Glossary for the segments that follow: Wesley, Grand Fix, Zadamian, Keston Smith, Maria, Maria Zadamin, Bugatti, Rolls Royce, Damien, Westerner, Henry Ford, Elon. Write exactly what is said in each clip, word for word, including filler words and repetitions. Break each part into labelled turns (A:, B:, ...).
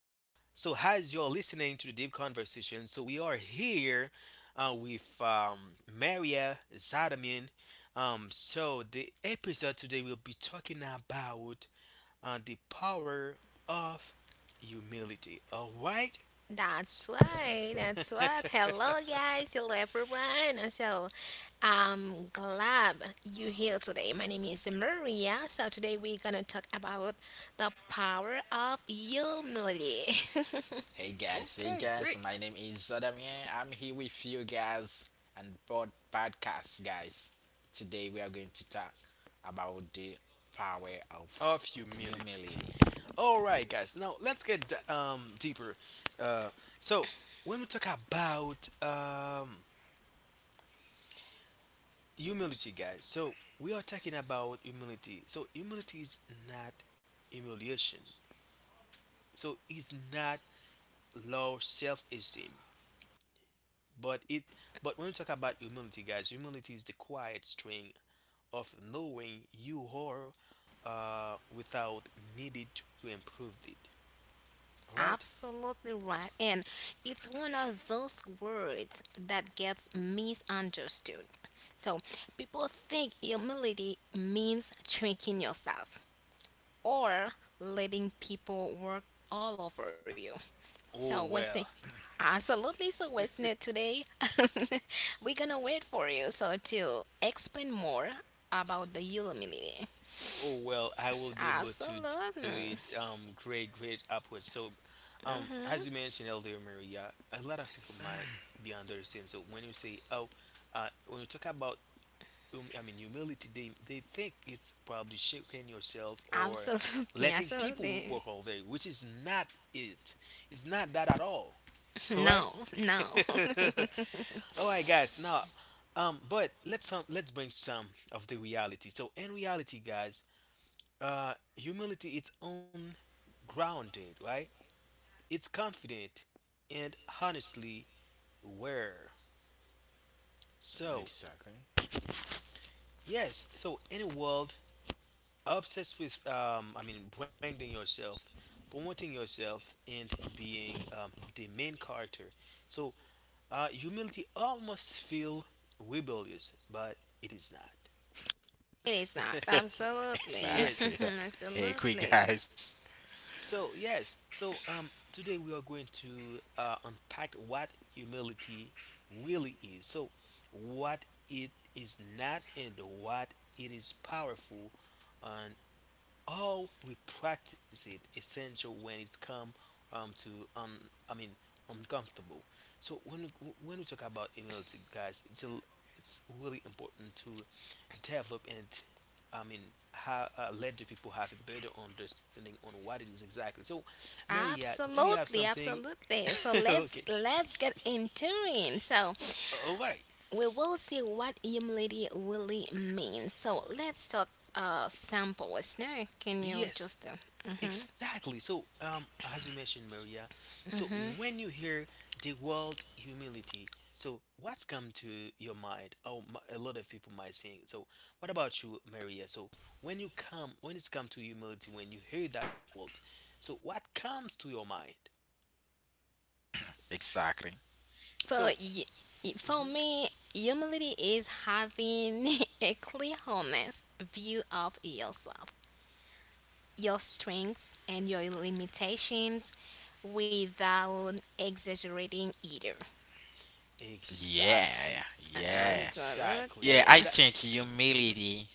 A: So, as you're listening to the deep conversation, so we are here uh, with um, Maria Zadamin. Um, so, the episode today will be talking about uh, the power of humility. All right?
B: That's
A: S-
B: right, that's right. Hello, guys, hello, everyone. And So, I'm glad you're here today. My name is Maria. So, today we're gonna talk about the power of humility.
C: Hey guys, hey
A: Okay,
C: guys,
A: great.
C: my name is Zadamian. I'm here with you guys and pod podcast guys. Today we are going to talk about the power of
A: Of humility.
C: humility.
A: All right, guys. Now let's get d- um, deeper. Uh, so, when we talk about um, humility, guys, so we are talking about humility, so humility is not humiliation, so it's not low self-esteem, but it but when we talk about humility, guys, humility is the quiet strength of knowing you are uh, without needed to improve it, all right.
B: Absolutely right. And it's one of those words that gets misunderstood. So, people think humility means shrinking yourself or letting people work all over you. So,
A: Oh
B: Wesley,
A: well.
B: absolutely. So, Wesley, today we're gonna wait for you so to explain more about the humility.
A: Oh well, I will be able to do
B: Absolutely.
A: it. Um, great, great upwards. So, um, as
B: Hmm.
A: you mentioned earlier, Maria, a lot of people might be understand. So when you say, oh, uh, when you talk about, um, I mean, humility, they they think it's probably shaking yourself or
B: Absolutely.
A: letting people
B: Absolutely.
A: work all day, which is not it. It's not that at all. All right.
B: No, no,
A: All right, guys. Now, um, but let's um, let's bring some of the reality. So in reality, guys, uh, humility is ungrounded, right? It's confident and honestly aware. So
C: Exactly.
A: yes, so in a world obsessed with, um, I mean, branding yourself, promoting yourself, and being um, the main character. So uh, humility almost feel rebellious, but it is not.
B: it is not. Absolutely.
C: Exactly.
A: Yes, guys.
C: Hey quick
B: Absolutely.
C: guys.
A: So yes, so um, today we are going to uh, unpack what humility really is. So what it is not and what it is powerful, and how we practice it essential when it's come um to um I mean uncomfortable. So when when we talk about humility, guys, it's a, it's really important to develop and I mean how uh, let the people have a better understanding on what it is exactly. So, Maria, do you have
B: Absolutely.
A: something?
B: Absolutely. So let's
A: Okay,
B: let's get into it. So
A: all right.
B: we will see what humility really means. So let's start a sample. Now, can you
A: Yes,
B: just? Uh, mhm,
A: exactly. So, um, as you mentioned, Maria, so
B: mhm.
A: when you hear the word humility, so what's come to your mind? Oh, m- a lot of people might saying. So, what about you, Maria? So, when you come, when it's come to humility, when you hear that word, so what comes to your mind?
C: Exactly.
B: For
A: So.
B: y- y- for
A: Mm-hmm.
B: me, humility is having a clear, honest view of yourself, your strengths, and your limitations, without exaggerating either.
C: Yeah,
A: Exactly.
C: yeah. Yeah,
A: Exactly.
C: Yeah,
B: Absolutely.
C: I think
A: That's the thing. Hmm.
C: humility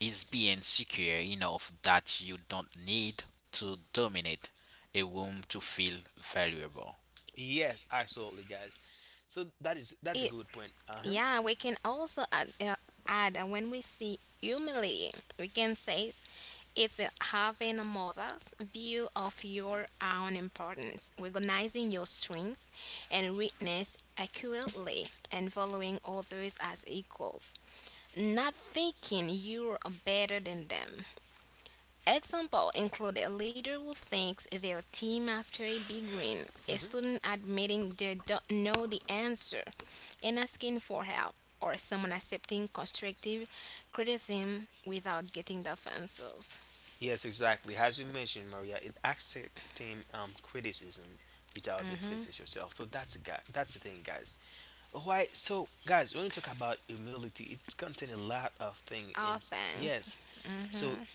C: is being secure enough that you don't need to dominate a room to feel valuable.
A: Yes, absolutely, guys. So that is that's
B: It,
A: a good point. Uh huh.
B: yeah, we can also add, uh, add uh, when we see humility, we can say It's having a mother's view of your own importance, recognizing your strengths and weakness accurately, and following others as equals, not thinking you're better than them. Example include a leader who thanks their team after a big win, a
A: Hmm.
B: student admitting they don't know the answer and asking for help, or someone accepting constructive criticism without getting defensive.
A: Yes, exactly. As you mentioned, Maria, it accepting um criticism without defenses yourself. So that's a guy. That's the thing, guys. Why? So, guys, when we talk about humility, it contains a lot of things.
B: Oh,
A: In
B: thanks.
A: yes, so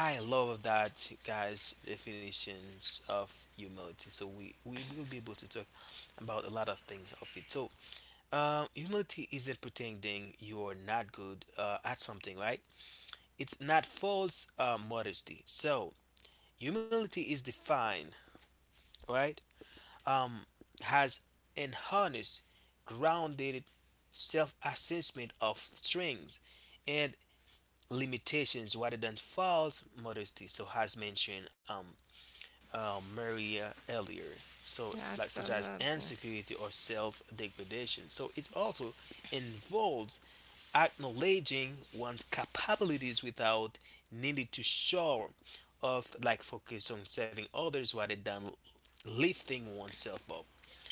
A: I love that, guys. Definitions of humility. So we we will be able to talk about a lot of things of it. So, uh, humility isn't pretending you are not good uh, at something, right? It's not false uh, modesty. So humility is defined, right? um, has an honest, grounded self assessment of strengths and limitations rather than false modesty. So, as mentioned, um, uh, Maria earlier. So, like such as
B: Absolutely.
A: insecurity or self degradation. So, it also involves acknowledging one's capabilities without needing to show off, like focus on serving others rather than lifting oneself up.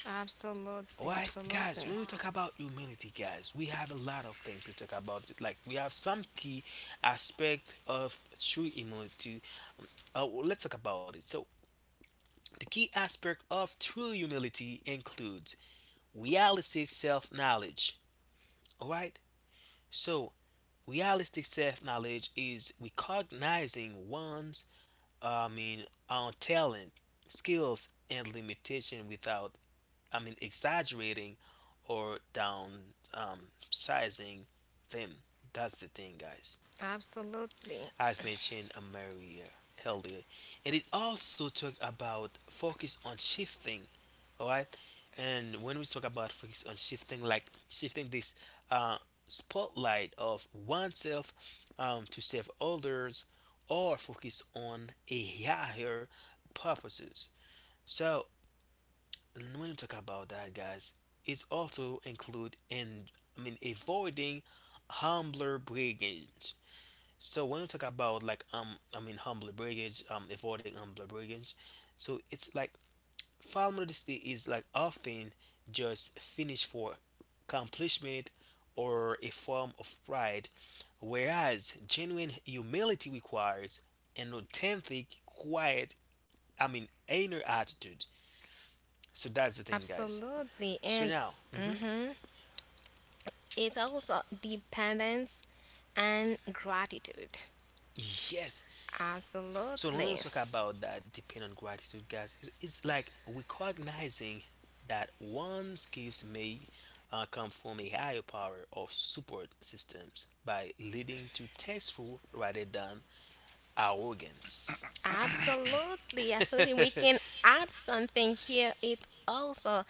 B: Absolutely.
A: Alright,
B: Absolutely.
A: guys, when we talk about humility, guys, we have a lot of things to talk about. Like, we have some key aspect of true humility. Um, Uh, well, let's talk about it. So, the key aspect of true humility includes realistic self knowledge. Alright? So, realistic self knowledge is recognizing one's, I mean, own talent, skills, and limitation without I mean, exaggerating or down um, sizing them. That's the thing, guys.
B: Absolutely.
A: As mentioned um, earlier, earlier, and it also talk about focus on shifting, all right. And when we talk about focus on shifting, like shifting this uh, spotlight of oneself um, to serve others, or focus on a higher purposes. So and when we talk about that, guys, it's also include in I mean avoiding humbler brigands. So when we talk about like um I mean humbler brigands, um avoiding humbler brigands, so it's like file modesty is like often just finished for accomplishment or a form of pride, whereas genuine humility requires an authentic, quiet, I mean inner attitude. So that's the thing, guys.
B: Absolutely.
A: So
B: And
A: now, hmm,
B: mhm, it's also dependence and gratitude.
A: yes. So when we
B: Absolutely.
A: talk about that, depend on gratitude, guys, it's, it's like recognizing that one's gifts may uh, come from a higher power of support systems by leading to thankful rather than arrogance.
B: Absolutely. Absolutely. We
A: Hmm.
B: can add something here. It also,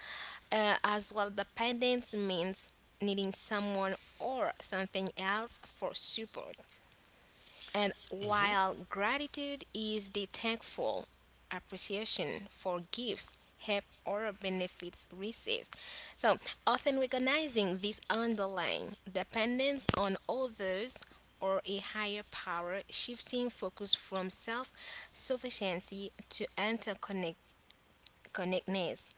B: uh, as well, dependence means needing someone or something else for support. And while gratitude is the thankful appreciation for gifts, help, or benefits received, so often recognizing this underlying dependence on others or a higher power, shifting focus from self sufficiency to interconnectedness connectedness,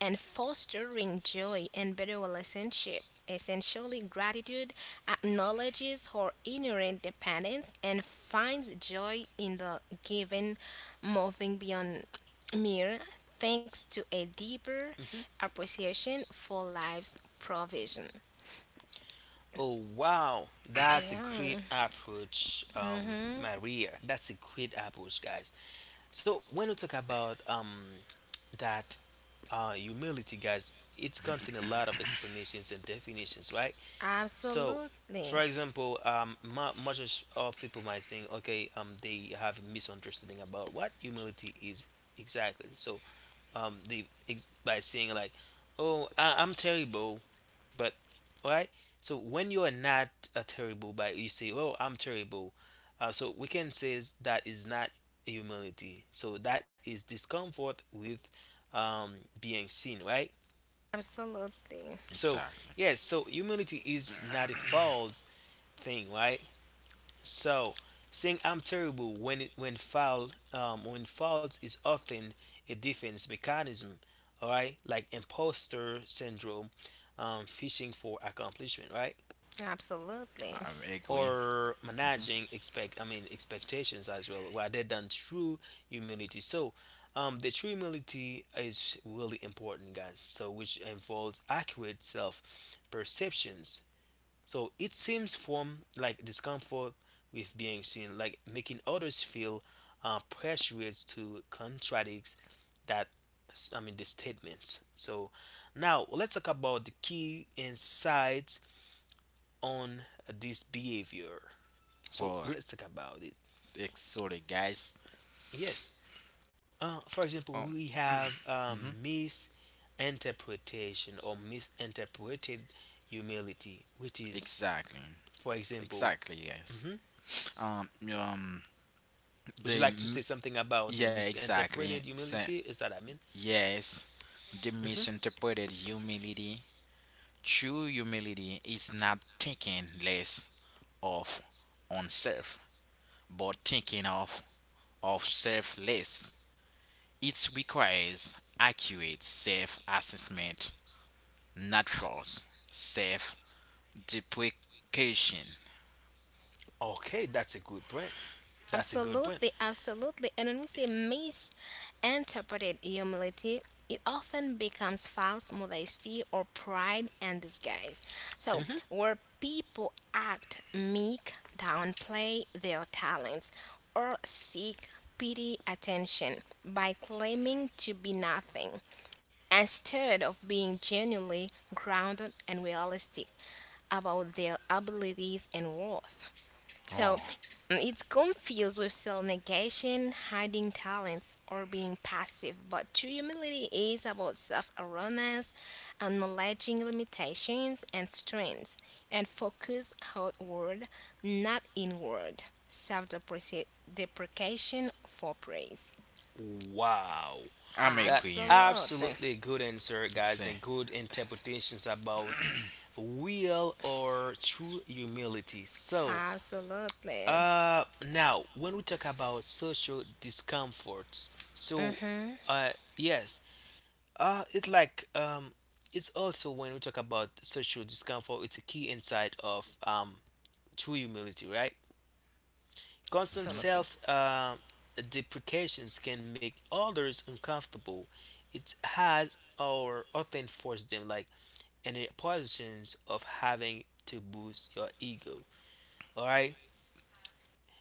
B: and fostering joy and better relationship. Essentially, gratitude acknowledges her inherent dependence and finds joy in the given, moving beyond mere thanks to a deeper
A: Hmm.
B: appreciation for life's provision.
A: Oh wow, that's a
B: Yeah,
A: great approach, um, Maria. That's a great approach, guys. So when we talk about um that uh, humility, guys, it's contain a lot of explanations and definitions, right? So,
B: absolutely,
A: for example, um, mu- much of people might think, okay, um, they have a misunderstanding about what humility is exactly. So, um, they ex- by saying like, oh, I- I'm terrible, but right, so when you are not a terrible, but you say, "Oh, I'm terrible," uh, so we can say is that is not humility. So that is discomfort with um, being seen, right?
B: absolutely,
A: So
C: Exactly.
A: yes, so humility is not a false thing, right? So saying I'm terrible when it, when foul um, when false is often a defense mechanism, all right, like imposter syndrome, um, fishing for accomplishment, right?
B: absolutely.
C: I agree.
A: Or
C: hmm
A: managing expect I mean expectations as well rather than true humility. So um, the true humility is really important, guys. So which involves accurate self perceptions. So it seems from like discomfort with being seen, like making others feel uh, pressured to contradict that I mean the statements. So now let's talk about the key insights on this behavior. So
C: Well,
A: let's talk about it.
C: it's sorry, guys.
A: Yes. Uh, for example,
C: Um,
A: we have
C: mhm.
A: um, misinterpretation or misinterpreted humility, which is,
C: Exactly.
A: for example,
C: Exactly, yes. Um, um,
A: would
C: the
A: you like to
C: m-
A: say something about the
C: yeah, exactly.
A: misinterpreted
C: Sa
A: humility? Is that I mean?
C: yes, the misinterpreted humility. True humility is not thinking less of oneself, but thinking of of selfless. It requires accurate self assessment, not false self deprecation.
A: Okay, that's a good point. That's a good point.
B: Absolutely, absolutely. And when we say misinterpreted humility, it often becomes false modesty or pride and disguise. So,
A: Hmm.
B: where people act meek, downplay their talents, or seek pity attention by claiming to be nothing instead of being genuinely grounded and realistic about their abilities and worth.
C: Oh,
B: So mm, it's confused with self negation, hiding talents, or being passive. But true humility is about self awareness, acknowledging limitations and strengths, and focus outward, not inward. Self deprecation for praise.
A: Wow.
C: I'm
A: That
C: agree.
B: Absolutely.
A: absolutely good answer, guys,
C: Excellent.
A: and good interpretations about real or true humility. So,
B: Absolutely.
A: Uh, now, when we talk about social discomforts, so
B: Mm-hmm.
A: uh, yes, uh, it's like um, it's also when we talk about social discomfort, it's a key insight of um, true humility, right? Constant
C: hmm
B: Absolutely.
A: self uh, deprecations can make others uncomfortable. It has or often force them like in the positions of having to boost your ego. All right,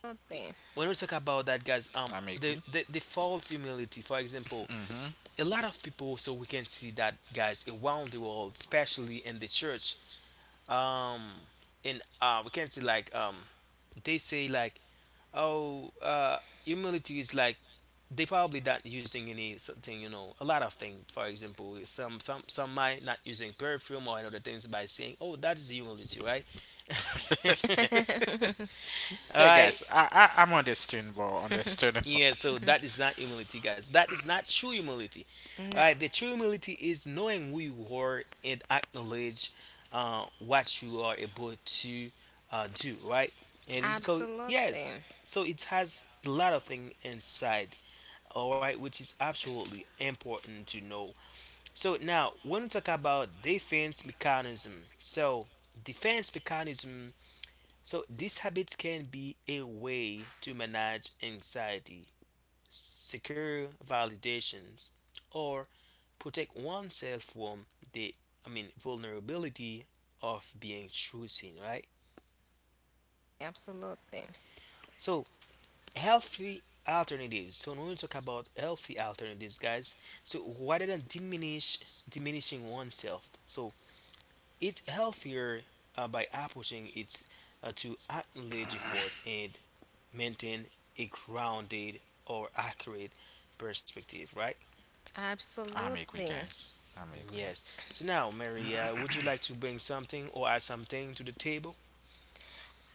B: Absolutely.
A: when we talk about that, guys, um
C: I'm
A: the,
C: agree.
A: the the false humility for example,
C: hmm
A: a lot of people, so we can see that, guys, around the world, especially in the church, um and uh we can see like um they say like oh uh humility is like they probably not using any something, you know, a lot of things, for example, some some some might not using perfume or another things by saying oh that is humility, right? All
C: yeah,
A: right.
C: guys, I, I, I'm understandable. Understandable.
A: Yeah, so that is not humility, guys. That is not true humility. All
B: No,
A: right, the true humility is knowing who you are and acknowledge uh, what you are able to uh, do, right? And it's called, yes.
B: absolutely.
A: So it has a lot of things inside, all right, which is absolutely important to know. So now, when we talk about defense mechanism, so defense mechanism, so this habit can be a way to manage anxiety secure validations or protect oneself from the I mean vulnerability of being chosen, right?
B: Absolutely.
A: So healthy alternatives. So when we talk about healthy alternatives, guys, so rather than diminish diminishing oneself, so it's healthier uh, by approaching it uh, to acknowledge effort and maintain a grounded or accurate perspective, right?
C: I'm agree,
B: Absolutely.
C: guys. I'm agree.
A: Yes. So now, Mary, uh, would you like to bring something or add something to the table?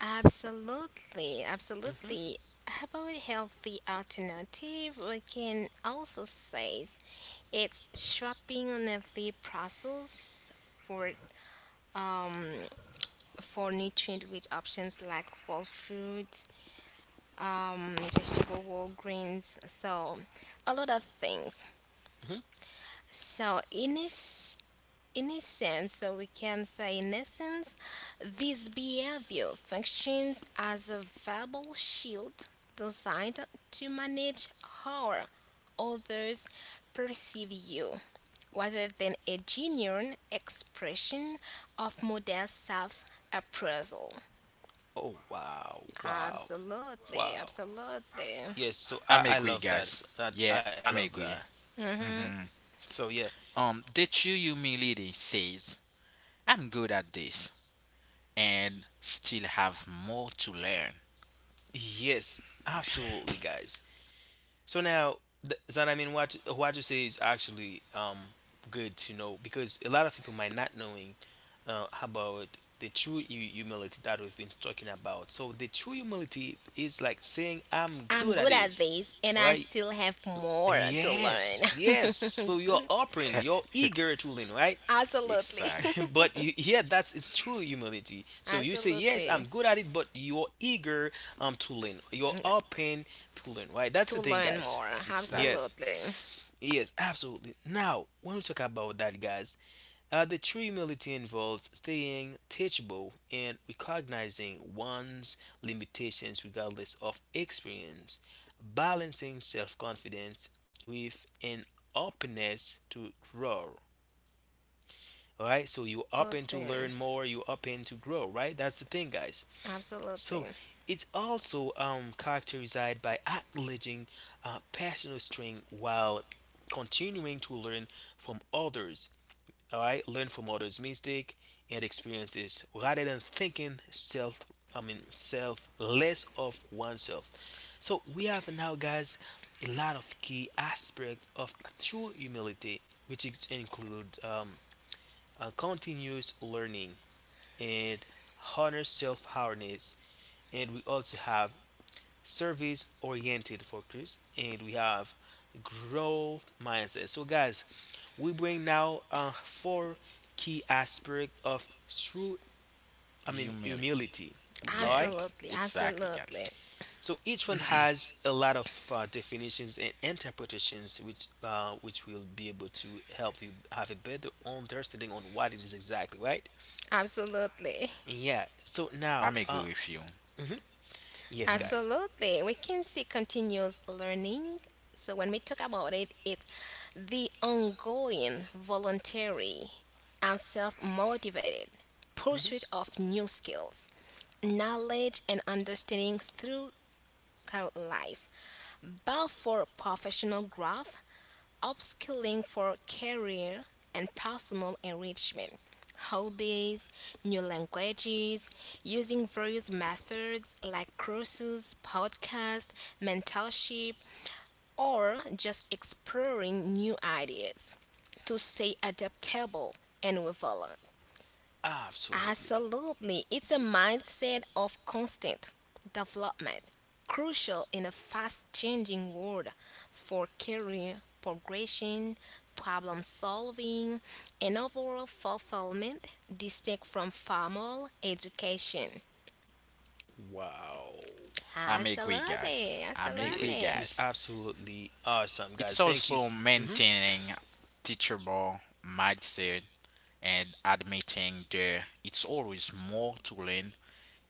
B: Absolutely,
A: Hmm.
B: absolutely. About healthy alternative, we can also say it's shopping on healthy process for um for nutrient rich options like whole fruit, um vegetable, whole grains, so a lot of things.
A: Hmm.
B: So in this In a sense, so we can say in essence, this behavior functions as a verbal shield designed to manage how others perceive you, rather than a genuine expression of modest self appraisal.
A: Oh, wow, wow,
B: Absolutely,
A: wow.
B: absolutely.
A: Yes. So I,
C: I'm
A: I
C: agree,
A: love that. s-
C: guys.
A: that
C: Yeah,
A: I,
C: I'm
A: I love
C: agree.
A: that.
B: Hmm.
C: hmm
A: So yeah.
C: Um, the true humility says, I'm good at this and still have more to learn.
A: Yes. Absolutely, guys. So now, th- so I mean, what what you say is actually um good to know because a lot of people might not knowing uh, about the true hu- humility that we've been talking about. So the true humility is like saying I'm
B: I'm
A: good
B: good
A: at it,
B: at this and I
A: right?
B: still have more to learn.
A: Yes, yes. So you're open, you're eager to learn, right?
B: Absolutely.
C: Exact,
A: But you, yeah, that's it's true humility. So you say yes,
B: Absolutely.
A: I'm good at it, but you're eager um to learn. You're
B: Mm-hmm.
A: open to learn, right? That's
B: To
A: the thing,
B: learn
A: guys.
B: more.
C: exact.
A: Yes,
B: Absolutely.
A: yes, absolutely. Now when we talk about that, guys, uh, the true humility involves staying teachable and recognizing one's limitations regardless of experience, balancing self confidence with an openness to grow. All right, so you're open to
B: Absolutely.
A: learn more, you're open to grow, right? That's the thing, guys.
B: Absolutely.
A: So it's also um, characterized by acknowledging uh, personal strength while continuing to learn from others, all right, learn from others' mistake and experiences rather than thinking self. I mean, self less of oneself. So we have now, guys, a lot of key aspects of true humility, which is, include um, uh, continuous learning and honor self-awareness, and we also have service oriented focus, and we have growth mindset. So, guys, we bring now uh, four key aspects of true, I mean,
C: Humility.
A: humility. All right.
C: Yes,
B: Absolutely.
C: exactly, guys.
B: Absolutely.
A: So each one has a lot of uh, definitions and interpretations, which uh, which will be able to help you have a better understanding on what it is exactly, right?
B: Absolutely.
A: Yeah. So now,
C: I'm agree
A: uh,
C: with you.
A: mhm. yes,
C: hmm
A: guys,
B: Absolutely. We can see continuous learning. So when we talk about it, it's the ongoing, voluntary, and self motivated
A: mhm.
B: pursuit of new skills, knowledge, and understanding throughout life, both for professional growth upskilling for career and personal enrichment, hobbies, new languages, using various methods like courses, podcasts, mentorship, or just exploring new ideas to stay adaptable and relevant.
A: absolutely.
B: Absolutely. It's a mindset of constant development, crucial in a fast changing world for career progression, problem solving, and overall fulfillment distinct from formal education.
A: Wow.
C: I'm agree, guys.
B: Absolutely.
C: I'm agree,
A: Yes,
B: Absolutely.
A: was
C: guys.
A: absolutely awesome,
C: It's
A: guys. Thank you.
C: also
A: Hmm
C: maintaining teachable mindset and admitting there it's always more to learn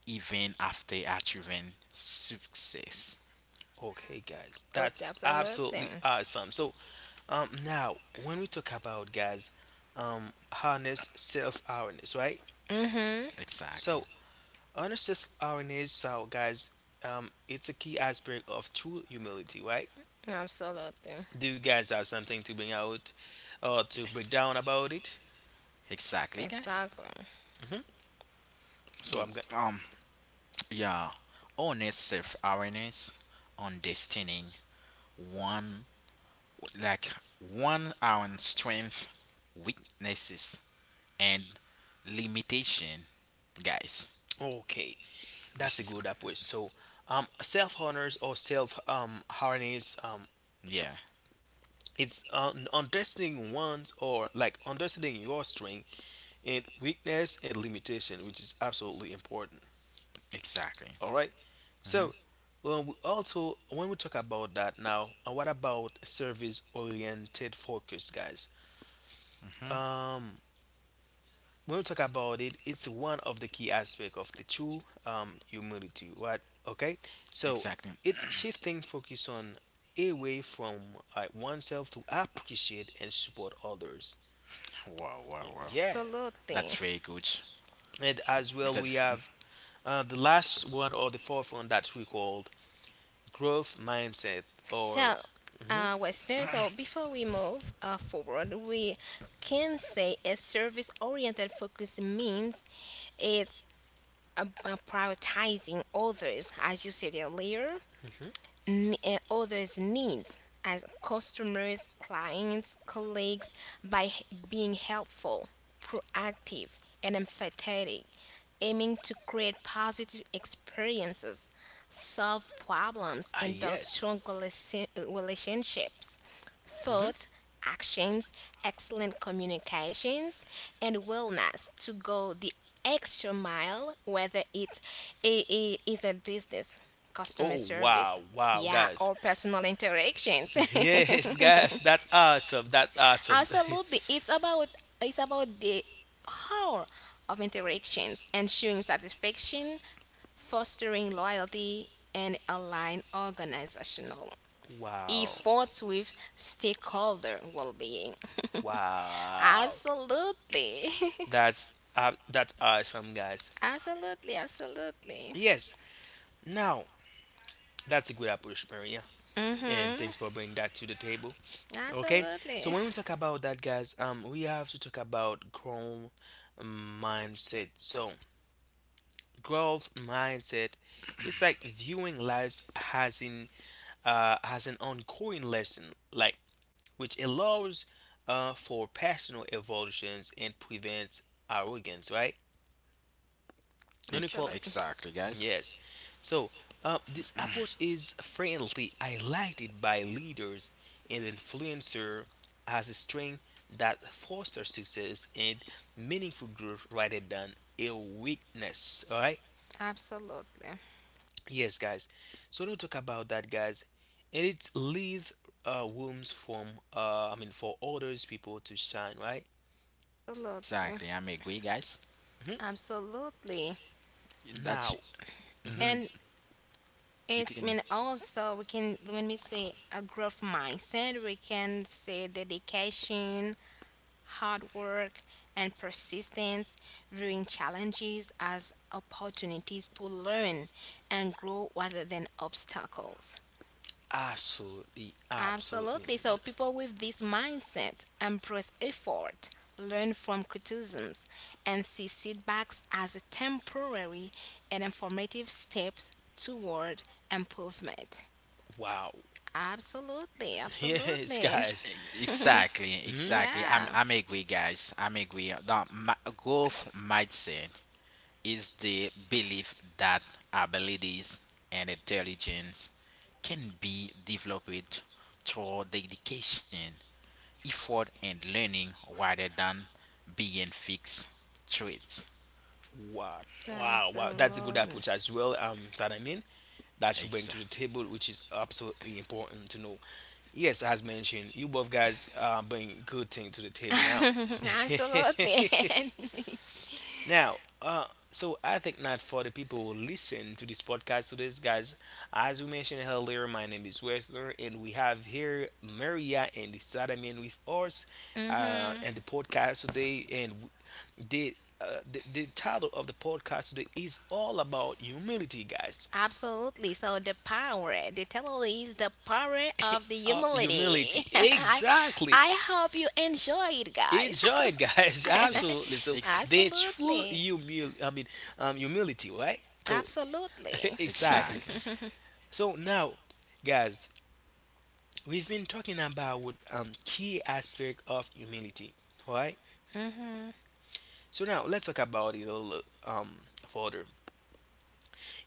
C: even after achieving success.
A: Okay, guys, that's absolutely
B: Absolutely.
A: awesome. So, um, now when we talk about guys, um, harness self awareness, right?
B: Mm hmm.
C: Exactly.
A: So, harness self awareness, so guys, um, it's a key aspect of true humility, right?
B: Absolutely.
A: Do you guys have something to bring out or to break down about it?
C: Exactly, guys.
B: Exactly.
A: Hmm
C: So,
A: So I'm going.
C: um, yeah, honest self awareness, understanding one like one on strength, weaknesses, and limitation, guys.
A: Okay,
C: This
A: that's a
C: is
A: good approach. So, um, self honors or self um harness um
C: yeah,
A: it's um, understanding one's or like understanding your strength and weakness and limitation, which is absolutely important.
C: exactly.
A: All right.
C: hmm
A: So, well, we also when we talk about that now, uh, what about service oriented focus, guys?
C: hmm
A: um when we talk about it, it's one of the key aspects of the true um humility. What? Okay, so
C: Exactly.
A: it's shifting focus on away from uh, oneself to appreciate and support others.
C: Wow, wow, wow.
A: Yeah.
C: That's
B: Absolutely.
C: very good.
A: And as well,
C: That
A: we have uh, the last one or the fourth one that we called growth mindset or
B: So,
A: mhm,
B: uh, Western, so before we move uh, forward, we can say a service oriented focus means it's about prioritizing others, as you said earlier,
A: mhm.
B: m- uh, others' needs as customers, clients, colleagues by h- being helpful, proactive, and empathetic, aiming to create positive experiences, solve problems,
A: ah
B: and build
A: yes.
B: strong relation- relationships
A: Mhm.
B: thoughts, actions, excellent communications, and willingness to go the extra mile, whether it, it, it is a business, customer
A: Oh
B: service,
A: wow, wow,
B: yeah,
A: guys.
B: or personal interactions.
A: Yes, guys, that's awesome. That's awesome.
B: Absolutely, it's about it's about the hour of interactions, ensuring satisfaction, fostering loyalty, and align organizational
A: wow,
B: efforts with stakeholder well-being.
A: wow.
B: Absolutely.
A: That's uh, that's awesome, guys.
B: Absolutely, absolutely.
A: Yes. Now, that's a good approach, Maria, and
B: Mm-hmm.
A: thanks for bringing that to the table. Okay, so
B: Absolutely.
A: when we talk about that, guys, um, we have to talk about growth mindset. So growth mindset is like viewing lives as in uh, as an ongoing lesson, like which allows uh, for personal evolutions and prevents arrogance, right?
C: ex-
A: Unequal.
B: Absolutely.
C: exactly, guys.
A: Yes. So uh, this approach is frequently highlighted by leaders and influencers as a strength that fosters success and meaningful growth rather than a weakness. All right.
B: Absolutely.
A: Yes, guys. So don't talk about that, guys. And it leave uh, rooms from uh, I mean for others people to shine, right?
B: Absolutely.
C: Exactly. I'm agree, guys.
A: hmm
B: Absolutely.
C: That's
A: Now, hmm
C: hmm
B: And
C: you
B: it's I
C: can
B: mean also we can when we say a growth mindset, we can say dedication, hard work and persistence, viewing challenges as opportunities to learn and grow rather than obstacles.
A: absolutely, absolutely.
B: Absolutely. So people with this mindset embrace effort, learn from criticisms, and see setbacks as a temporary and informative steps toward improvement.
A: Wow.
B: Absolutely,
A: Yes,
B: absolutely.
A: guys.
C: ex- exactly,
A: Mm-hmm.
C: exactly. I'm
B: Yeah.
C: I'm agree, guys. I'm agree. The my growth mindset is the belief that abilities and intelligence can be developed through dedication, effort, and learning rather than being fixed traits.
A: Wow, wow, wow. That's a good
B: Absolutely.
A: approach as well. Um, that I mean, that you bring
C: Ex-
A: to the table, which is absolutely important to know. Yes, as mentioned, you both guys uh, bring good thing to the table now.
B: Absolutely.
A: Now, uh, so I think not for the people who listen to this podcast today, guys. As we mentioned earlier, my name is Wesler, and we have here Maria and Sadamin with us, uh,
B: Hmm.
A: and the podcast today, and w- the. Uh, the, the title of the podcast today is all about humility, guys.
B: Absolutely. So the power, the title is the power of the
A: Uh, humility,
B: humility. I,
A: exactly.
B: I hope you enjoy it, guys.
A: Enjoy it, guys.
C: ex-
A: Absolutely. So
C: ex-
A: the true
B: Absolutely.
A: humil, I mean, um, humility, right? So
B: Absolutely.
A: exactly.
C: exactly.
A: So now, guys, we've been talking about um key aspect of humility. All right? So now let's talk about it a little um further.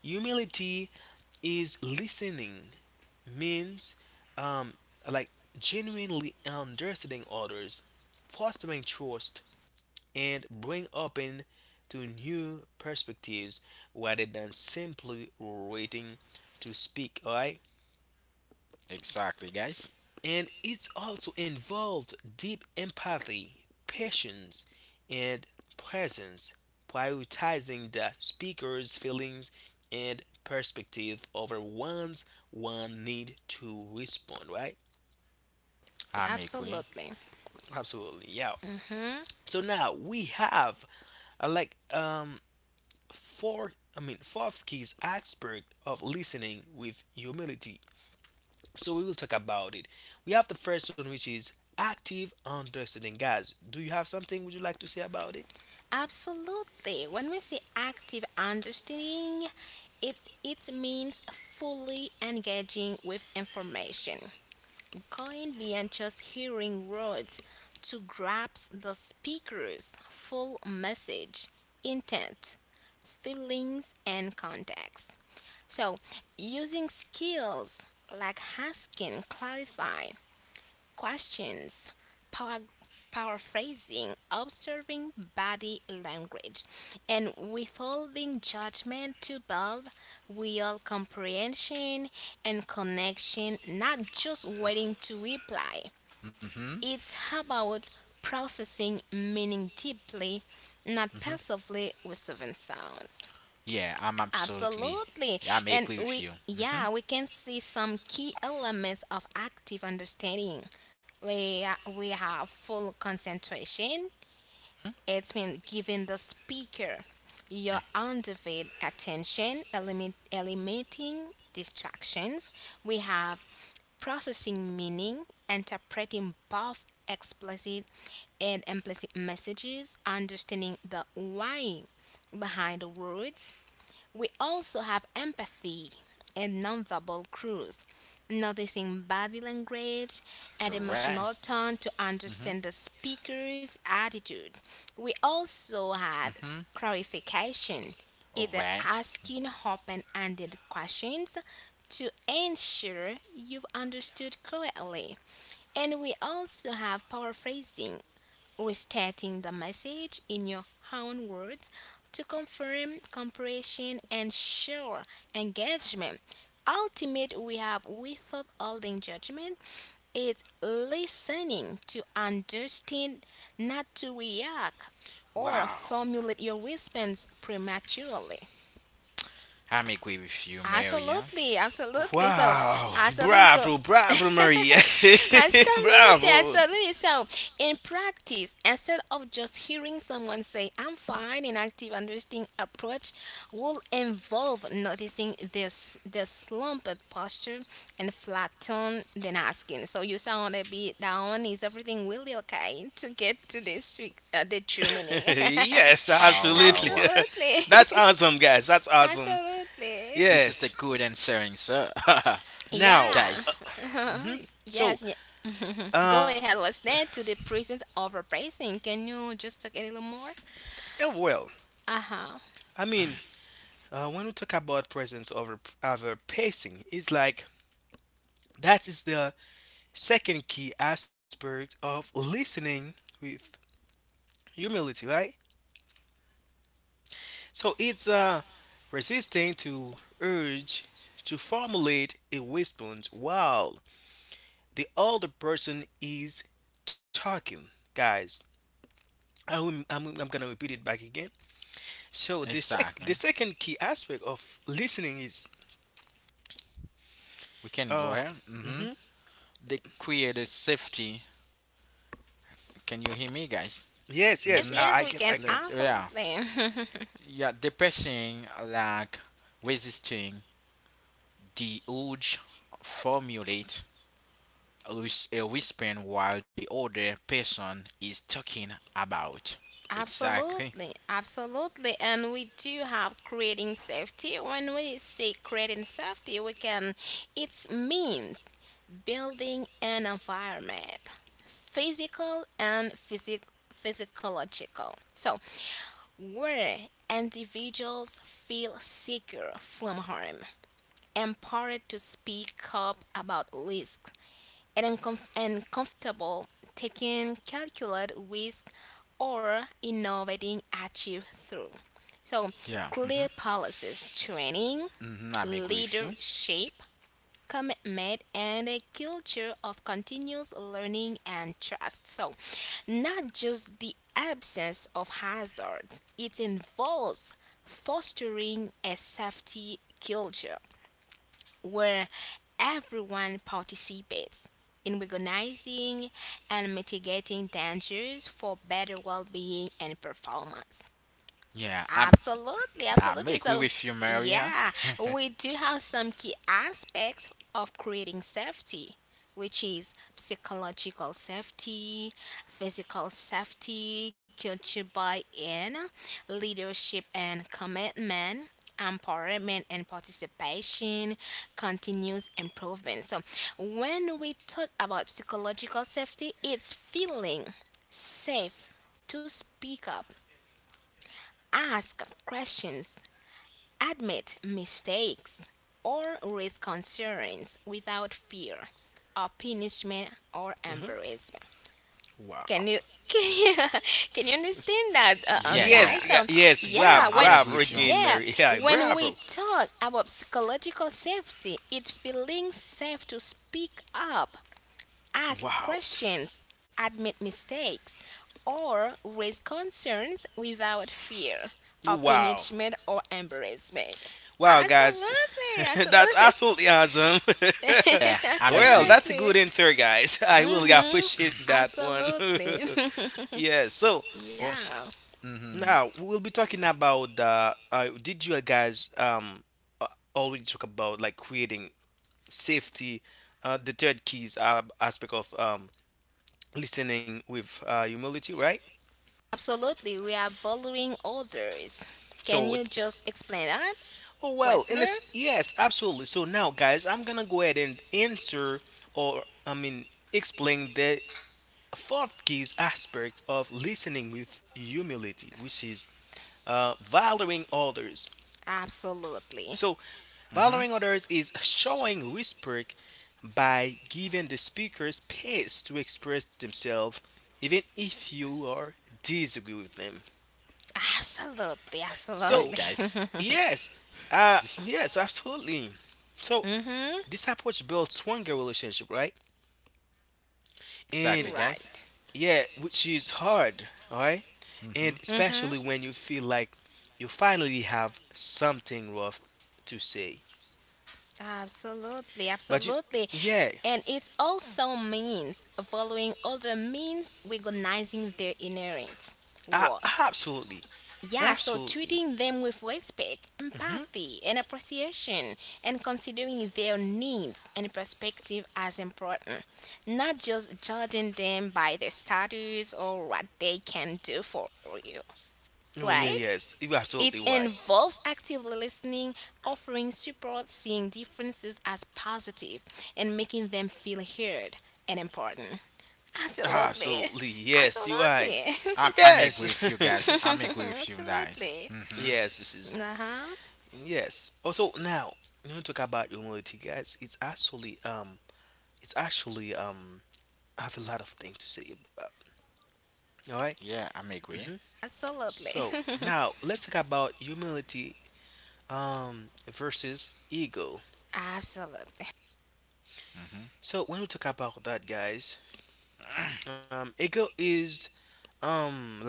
A: Humility is listening means um like genuinely understanding others, fostering trust, and bring open to new perspectives rather than simply waiting to speak. All right.
C: Exactly, guys.
A: And it also involved deep empathy, patience, and presence, prioritizing the speaker's feelings and perspective over one's one need to respond, right?
C: I'm agree.
B: Absolutely.
A: Absolutely, yeah.
B: Hmm.
A: So now we have uh, like um four I mean fourth key is aspect of listening with humility. So we will talk about it. We have the first one, which is active understanding. Guys, do you have something would you like to say about it?
B: Absolutely. When we say active understanding, it it means fully engaging with information, going beyond just hearing words to grasp the speaker's full message, intent, feelings, and context. So, using skills like asking, clarify, questions, power, paraphrasing, observing body language, and withholding judgment to build real comprehension and connection, not just waiting to reply.
C: Mm-hmm.
B: It's about processing meaning deeply, not
C: Mm-hmm.
B: passively with seven sounds.
C: Yeah, I'm absolutely.
B: Absolutely.
C: I'm
B: And
C: agree with
B: we,
C: you. Mm-hmm.
B: yeah, we can see some key elements of active understanding. We, we have full concentration. It's been giving the speaker your undivided attention, elimin- eliminating distractions. We have processing meaning, interpreting both explicit and implicit messages, understanding the why behind the words, we also have empathy and nonverbal cues, noticing body language
C: All
B: and
C: right.
B: emotional tone to understand the
C: Mm-hmm.
B: speaker's attitude. We also have
C: Mm-hmm.
B: clarification,
C: All
B: either
C: right.
B: asking open ended questions to ensure you've understood correctly. And we also have paraphrasing, restating the message in your own words to confirm comprehension and show engagement. Ultimate, we have without holding judgment. It's listening to understand, not to react or
A: Wow.
B: formulate your response prematurely.
C: I'm agree with you, Maria.
B: Absolutely, absolutely. So,
A: Wow.
B: absolutely. So,
A: Bravo, bravo, Maria.
B: absolutely,
A: bravo.
B: absolutely. So, in practice, instead of just hearing someone say, I'm fine, an active understanding approach will involve noticing this, this slumped posture and flat tone, then asking. So, you sound a bit down. Is everything really okay to get to this, trick- uh, the true meaning?
A: yes,
C: Wow,
A: absolutely.
C: wow, wow.
B: Absolutely.
A: That's awesome, guys. That's awesome.
B: Absolutely.
C: This is the
A: Yes.
C: good answering, sir.
A: Now,
B: Yeah.
C: Guys,
A: so,
B: Yes. Yeah. Go
A: uh,
B: ahead. What's that to the present overpricing? Can you just talk a little more?
A: yeah, well,
B: Uh huh.
A: I mean, uh, when we talk about presence over over pacing, it's like that is the second key aspect of listening with humility, right? So it's uh, resisting to urge to formulate a response while the other person is talking, guys. I will, I'm, I'm gonna repeat it back again. So the sec
C: exactly.
A: the second key aspect of listening is
C: We can go
A: uh.
C: ahead. Mm-hmm.
A: hmm
C: They created safety. Can you hear me, guys?
A: yes, yes,
B: Yes.
A: I, I
B: Yes,
C: Mm-hmm.
A: can,
B: we
A: I
B: can.
A: can.
C: Like, yeah.
B: Absolutely.
C: Yeah, depressing, like resisting the urge formulate a whis- a whispering while the other person is talking about. Exactly.
B: Absolutely, absolutely. And we do have creating safety. When we say creating safety, we can, it means building an environment, physical and physic- physiological. So, where individuals feel secure from harm, empowered to speak up about risk, and, uncom- and comfortable taking calculated risk or innovating achieve through. So
C: Yeah. Mm-hmm.
B: clear policies, training,
C: Mm-hmm. I'm agree with you.
B: leadership, commitment, and a culture of continuous learning and trust. So not just the absence of hazards, it involves fostering a safety culture where everyone participates in recognizing and mitigating dangers for better well being and performance.
C: Yeah, I'm,
B: Absolutely,
C: I'm
B: absolutely.
C: agree
B: So,
C: with you, Maria.
B: yeah, we do have some key aspects of creating safety, which is psychological safety, physical safety, culture buy in, leadership and commitment. Empowerment and participation, continuous improvement. So, when we talk about psychological safety, it's feeling safe to speak up Ask questions, admit mistakes, or raise concerns without fear or punishment or
A: Hmm
B: embarrassment.
A: wow.
B: Can you can you, can you understand that, uh, uh,
C: Yeah,
A: Yes,
C: yeah.
B: guys?
A: yeah,
B: So
C: I,
A: yes, bravo,
B: yeah,
C: I,
B: when
C: I'm
A: bravo
C: agree with you.
A: again,
B: yeah,
A: Mary. yeah,
B: when
A: bravo.
B: we talk about psychological safety, it feeling safe to speak up, ask
A: Wow.
B: questions, admit mistakes, or raise concerns without fear of
A: Wow.
B: punishment or embarrassment.
A: Wow, guys,
B: Absolutely,
A: that's
B: absolutely,
A: absolutely awesome.
C: Yeah, I'm
A: well,
C: agree.
A: that's a
B: absolutely.
A: good answer, guys. I really
B: Hmm.
A: appreciate that one.
B: Absolutely.
A: yeah. So
C: Oh,
B: Yeah.
C: mm-hmm,
A: now we'll be talking about. Uh, uh, did you guys um uh, already talk about like creating safety? Uh, the third keys uh, aspect of um listening with uh, humility, right?
B: Absolutely, we are valuing others. Can
A: So,
B: you just explain that,
A: oh well, and
B: Westerner?
A: it's yes, absolutely. So now, guys, I'm gonna go ahead and answer or I mean explain the a fourth key aspect of listening with humility, which is uh, valuing others.
B: Absolutely.
A: So,
C: mm-hmm.
A: valuing others is showing respect by giving the speaker space to express themselves, even if you are disagree with them.
B: Absolutely,
C: Hey,
A: So,
B: absolutely.
C: guys.
A: yes, uh, yes, absolutely. So,
B: Hmm.
A: this approach builds stronger relationship, right?
C: Exactly,
A: And
C: guys.
B: Right.
A: yeah, which is hard, all right? And
C: Mm-hmm.
B: Mhm.
A: especially
B: Right.
A: when you feel like you finally have something rough to say.
B: Absolutely,
A: But you,
B: absolutely.
A: yeah,
B: And it also means following other means, recognizing their inherent
A: uh,
B: worth.
A: absolutely,
B: Yeah, so
A: absolutely.
B: treating them with respect,
A: Hmm
B: empathy, and appreciation, and considering their needs and perspective as important, not just judging them by their status or what they can do for you,
A: Oh
B: right?
A: yeah, yes, you're
B: It
A: absolutely right.
B: involves actively listening, offering support, seeing differences as positive, and making them feel heard and important. Absolutely.
A: Absolutely, yes, you are.
B: Absolutely.
C: I'm, I'm agree
A: Yes,
C: with you, guys. I'm agree with you, guys.
B: Absolutely.
C: Mm-hmm.
A: yes, this is
B: Uh huh.
A: yes. Also now, when you know, talk about humility, guys, it's actually um, it's actually um, I have a lot of things to say about. All right.
C: Yeah, I'm agree.
B: Absolutely.
A: So now let's talk about humility um, versus ego.
B: Absolutely.
C: Mm-hmm.
A: So when we talk about that, guys, um, ego is um like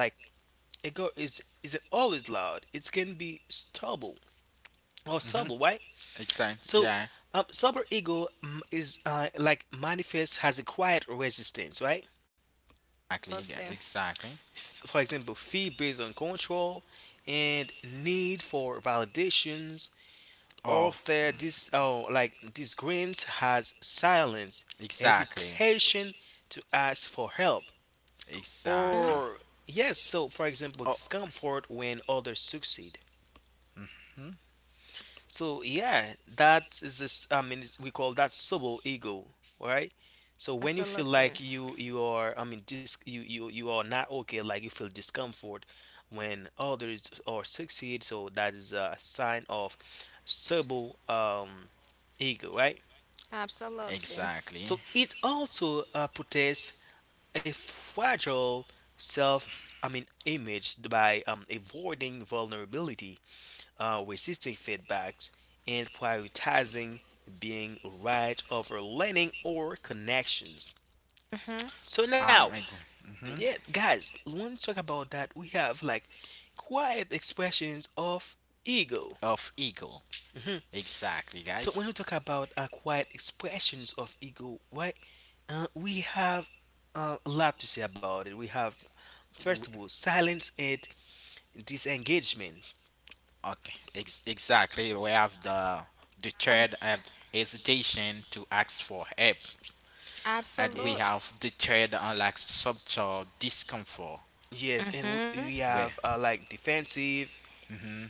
A: ego is is always loud. It can be stubble or
C: Mm-hmm.
A: subtle, right?
C: Exactly.
A: So
C: Yeah.
A: um, super ego mm, is uh, like manifests has a quiet resistance, right?
C: Exactly. Yeah.
B: Absolutely.
C: Exactly.
A: F- for example, fear based on control and need for validations.
C: Oh,
A: Author this, oh, like this Grimes has silence,
C: exactly.
A: hesitation to ask for help.
C: Exactly.
B: Mhm.
A: Or yes, so for example,
C: Oh,
A: discomfort when others succeed.
C: mhm.
A: So yeah, that is this I mean it's- we call that subtle ego, right? So when you feel
B: Absolutely.
A: like you you are I mean dis you, you you are not okay, like you feel discomfort when others or succeed, so that is a sign of subtle um ego, right?
B: Absolutely.
C: Exactly.
A: So it also uh, protects a fragile self, I mean, image by um, avoiding vulnerability, uh, resisting feedbacks, and prioritizing being right over learning or connections.
B: Hmm.
A: So
C: I'm
A: now,
C: agree. Mm-hmm.
A: yeah, guys, when we talk about that, we have like quiet expressions of ego.
C: Of ego.
A: Hmm
C: Exactly,
A: So when we
C: guys.
A: talk about acquired expressions of ego, right? Uh, we have uh, a lot to say about it. We have first
C: W-
A: of all silence and disengagement.
C: Okay, ex- exactly. We have the
B: Ab-
C: deterred have hesitation to ask for help, and we
B: absolute.
A: And
C: have deterred on like subtle discomfort.
A: yes, and we,
B: Mm-hmm.
A: we
C: We,
A: have uh, like defensive
C: hmm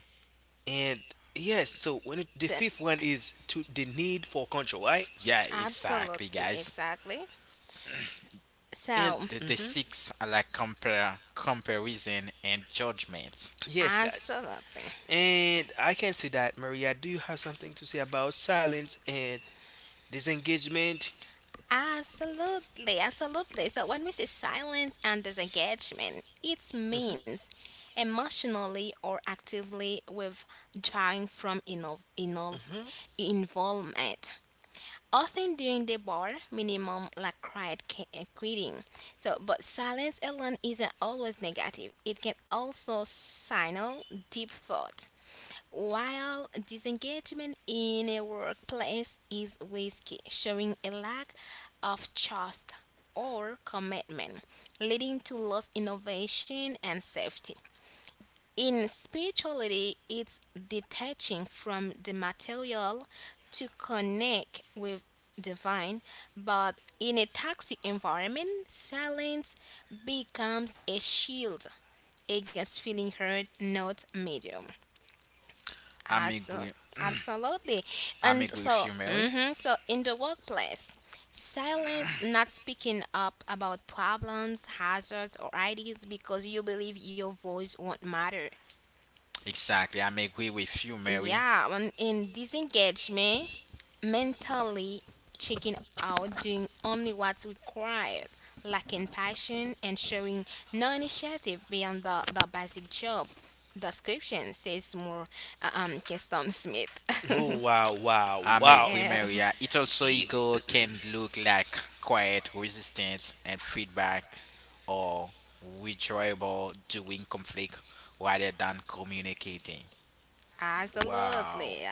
A: and yes. So when it, the fifth one is to the need for control, right?
C: yeah, exactly,
B: Absolutely.
C: guys.
B: Exactly.
A: And
B: So,
C: The the
A: hmm
C: six are like compare comparison and judgment.
A: yes, guys.
B: absolutely.
A: And I can see that, Maria. Do you have something to say about silence and disengagement?
B: Absolutely, absolutely. So when we say silence and disengagement, it means emotionally or actively withdrawing from inov- inov-
A: Hmm
B: involvement. Often during the bar minimum like quiet ca- uh, quitting. So but silence alone isn't always negative. It can also signal deep thought, while disengagement in a workplace is risky, showing a lack of trust or commitment, leading to lost innovation and safety. In spirituality, it's detaching from the material to connect with divine, but in a toxic environment, silence becomes a shield against feeling heard, not medium.
C: I'm
B: Abso-
C: agree.
B: Absolutely.
C: I'm
B: And
C: agree with
B: so,
C: you, Mary.
B: hmm so in the workplace, silence, not speaking up about problems, hazards, or ideas because you believe your voice won't matter.
C: Exactly, I'm agree with you, Mary.
B: Yeah, when in disengagement, mentally checking out, doing only what's required, lacking passion, and showing no initiative beyond the, the basic job description, says more uh, um, Keston Smith.
A: Oh wow, wow,
C: I make
B: I
A: wow.
B: am.
C: Quimer, yeah. It also
A: E-
C: ego can look like quiet resistance and feedback or withdrawal during conflict rather than communicating.
A: wow.
B: Absolutely,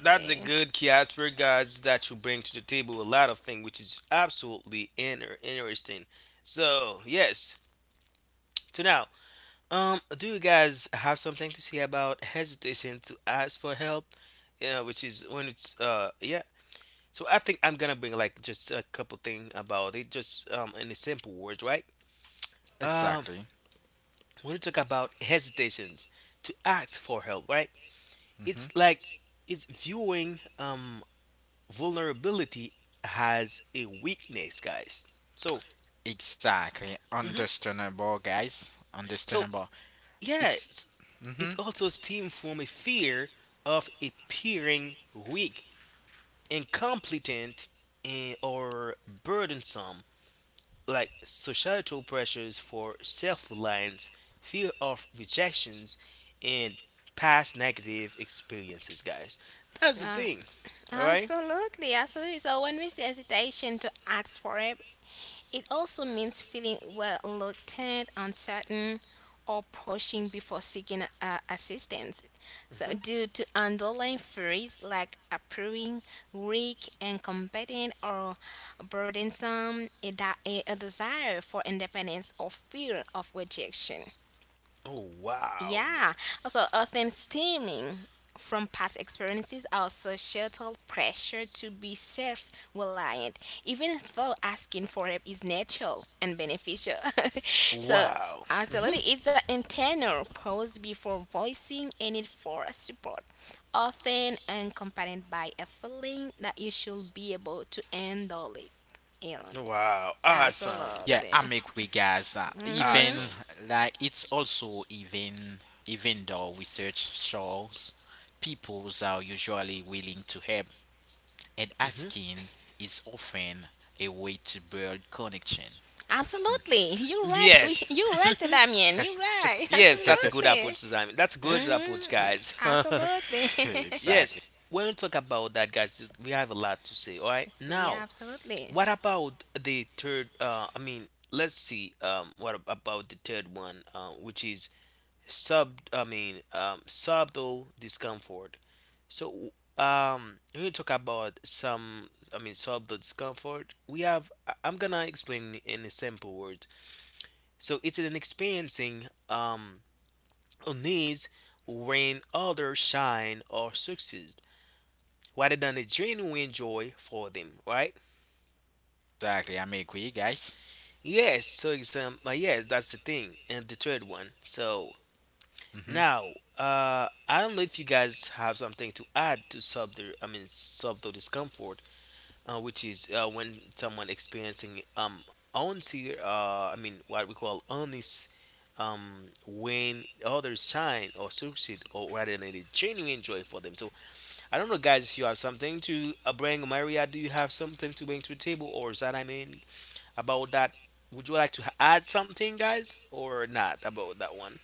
A: That's a good key aspect, guys, that you bring to the table a lot of things, which is absolutely inter- interesting. So, yes. So now, um, do you guys have something to say about hesitation to ask for help? Yeah, which is when it's uh, yeah. So I think I'm gonna bring like just a couple things about it, just um, in a simple words, right? Um,
C: Exactly.
A: when you talk about hesitations to ask for help, right? It's
C: hmm
A: like it's viewing um vulnerability as a weakness, guys. So,
C: Exactly.
A: mhm.
C: Understandable, guys.
A: So
C: Understandable.
A: yeah,
C: It's
A: it's, it's
C: hmm
A: also stemmed from a fear of appearing weak, incompetent, and, or burdensome, like societal pressures for self-reliance, fear of rejections, and past negative experiences, guys. That's the
B: Uh,
A: thing. All right?
B: Absolutely, absolutely. So when we say hesitation to ask for it, it also means feeling well reluctant, uncertain, or pushing before seeking uh, assistance. So due to underlying fears like appearing weak, incompetent, or burdensome, a, di- a a desire for independence or fear of rejection.
A: Oh, wow.
B: Yeah. Also, often stemming from past experiences are societal pressure to be self-reliant, even though asking for help is natural and beneficial. so,
A: Wow.
B: absolutely,
A: Mhm.
B: it's an internal pause before voicing a need for support, often accompanied by a feeling that you should be able to handle it. Elon.
A: Wow. Awesome.
C: yeah.
B: Absolutely.
C: I make we guys uh,
B: Mm-hmm.
C: even
A: Awesome.
C: like it's also even even though research shows peoples are usually willing to help and
A: Hmm
C: asking is often a way to build connection.
B: Absolutely. You're right. We-
A: Yes.
B: You're right, Sir Damien. You're right.
A: Yes, that's a good approach,
B: Absolutely.
A: Simon. That's a good approach,
B: Hmm.
A: guys.
B: Absolutely.
C: exactly,
A: yes. When we talk about that, guys, we have a lot to say. All right.
B: See, yeah,
A: Now,
B: absolutely.
A: what about the third? Uh, I mean, let's see. Um, what ab- about the third one? Uh, which is sub. I mean, um, subtle discomfort. So, um, when you talk about some, I mean, subtle discomfort, we have, I- I'm gonna explain in a simple word. So, it's an experiencing, um, a needs when others shine or succeed rather than a genuine joy for them, right?
C: exactly. I'm agree, guys.
A: Yes, so example, yes, that's the thing. And the third one. So,
C: hmm
A: now, uh, I don't know if you guys have something to add to subtle, I mean, subtle discomfort, uh, which is uh, when someone experiencing um unti uh, I mean what we call honest um when others shine or succeed or rather than it is genuine joy for them. So I don't know, guys, if you have something to uh, bring. Maria, do you have something to bring to the table or is that I mean about that, would you like to add something, guys, or not about that one?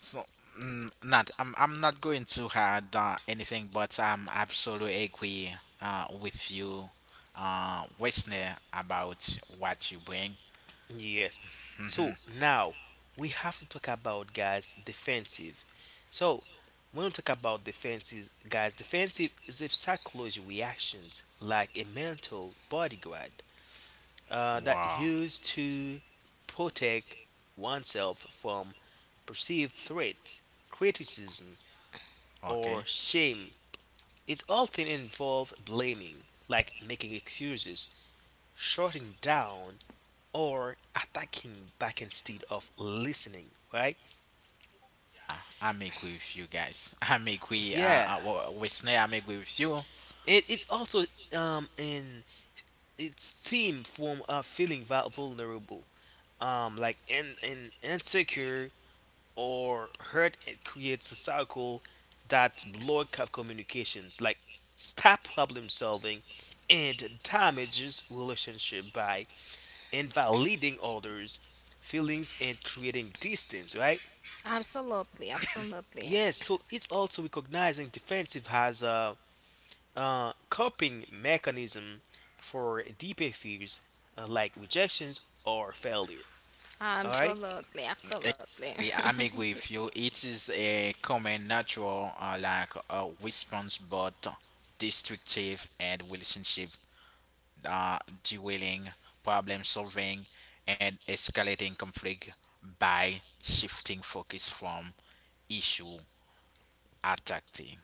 C: So, mm, not I'm I'm not going to add uh, anything, but I'm absolutely agree uh, with you, uh, listener, about what you bring.
A: Yes. So
C: hmm
A: now we have to talk about, guys, defensive. So when we talk about defenses, guys, defensive is a psychology reactions like a mental bodyguard uh, that
C: Wow.
A: used to protect oneself from perceived threats, criticism, or
C: Okay.
A: shame. It's often involved blaming, like making excuses, shutting down, or attacking back instead of listening, right?
C: I make with you guys. I make we uh,
A: Yeah.
C: uh listener. I make with you.
A: It, it's also um in it's stem from uh, feeling vul- vulnerable, um like in, in insecure or hurt. It creates a cycle that block up communications, like stop problem solving, and damages relationship by invalidating others' feelings and creating distance, right?
B: Absolutely. Absolutely.
A: Yes, so it's also recognizing defensive as a uh, coping mechanism for deeper fears uh, like rejections or failure. All right,
B: Absolutely.
C: Exactly,
B: Absolutely.
C: I- am agree with you. It is a common, natural, uh, like uh, response, but destructive and relationship uh, dwelling, problem solving, and escalating conflict by shifting focus from issue attacking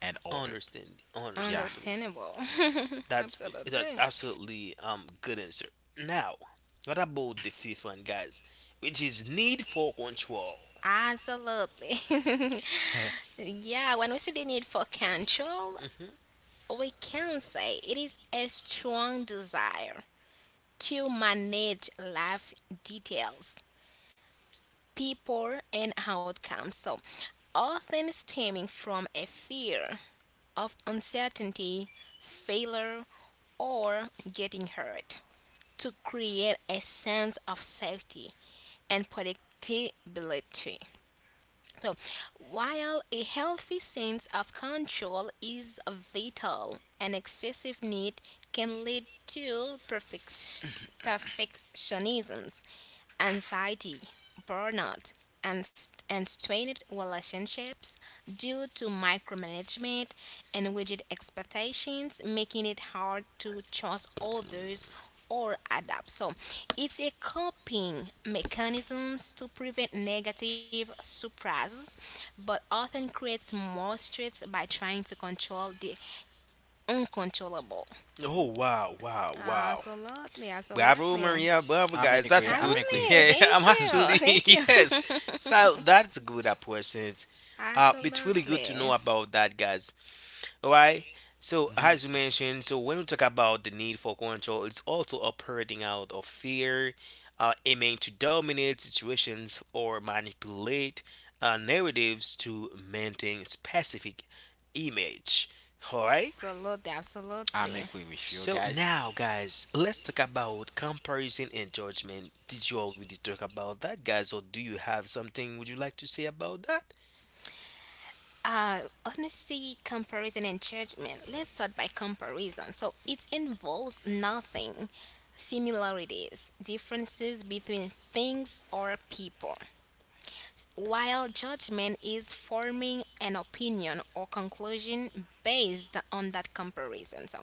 C: and order.
A: understand,
C: Yeah,
A: understandable.
B: Understandable.
A: That's that's
B: Absolutely.
A: absolutely um good answer. Now, what about the fifth one, guys? Which is need for control.
B: Absolutely. yeah, when we see the need for control,
A: Hmm.
B: we can say it is a strong desire to manage life details people and outcomes. So, often stemming from a fear of uncertainty, failure, or getting hurt to create a sense of safety and predictability. So, while a healthy sense of control is vital, an excessive need can lead to perfec- perfectionism, anxiety, burnout, and, st- and strained relationships due to micromanagement and rigid expectations, making it hard to trust others or adapt. So it's a coping mechanisms to prevent negative surprises, but often creates more stress by trying to control the uncontrollable.
A: Oh wow, wow, wow!
B: Absolutely,
A: Bravo,
B: absolutely.
A: Maria. Bravo,
C: I'm
A: guys.
C: agree.
A: That's a
C: I'm
A: good.
C: agree with you.
B: Absolutely.
A: Yeah, I'm
B: Thank you.
A: actually
B: Thank you.
A: yes. So that's a good approach. Since, Uh, it's really
B: Absolutely.
A: good to know about that, guys. All right. So as you
C: hmm
A: mentioned, so when we talk about the need for control, it's also operating out of fear, uh, aiming to dominate situations or manipulate uh, narratives to maintain specific image. All right.
B: Absolutely,
C: I'm
B: absolutely.
C: agree with you
A: So
C: guys.
A: now, guys, let's talk about comparison and judgment. Did you already talk about that, guys, or do you have something would you like to say about that?
B: Uh, honesty, comparison, and judgment. Let's start by comparison. So it involves nothing, similarities, differences between things or people. While judgment is forming an opinion or conclusion based on that comparison. So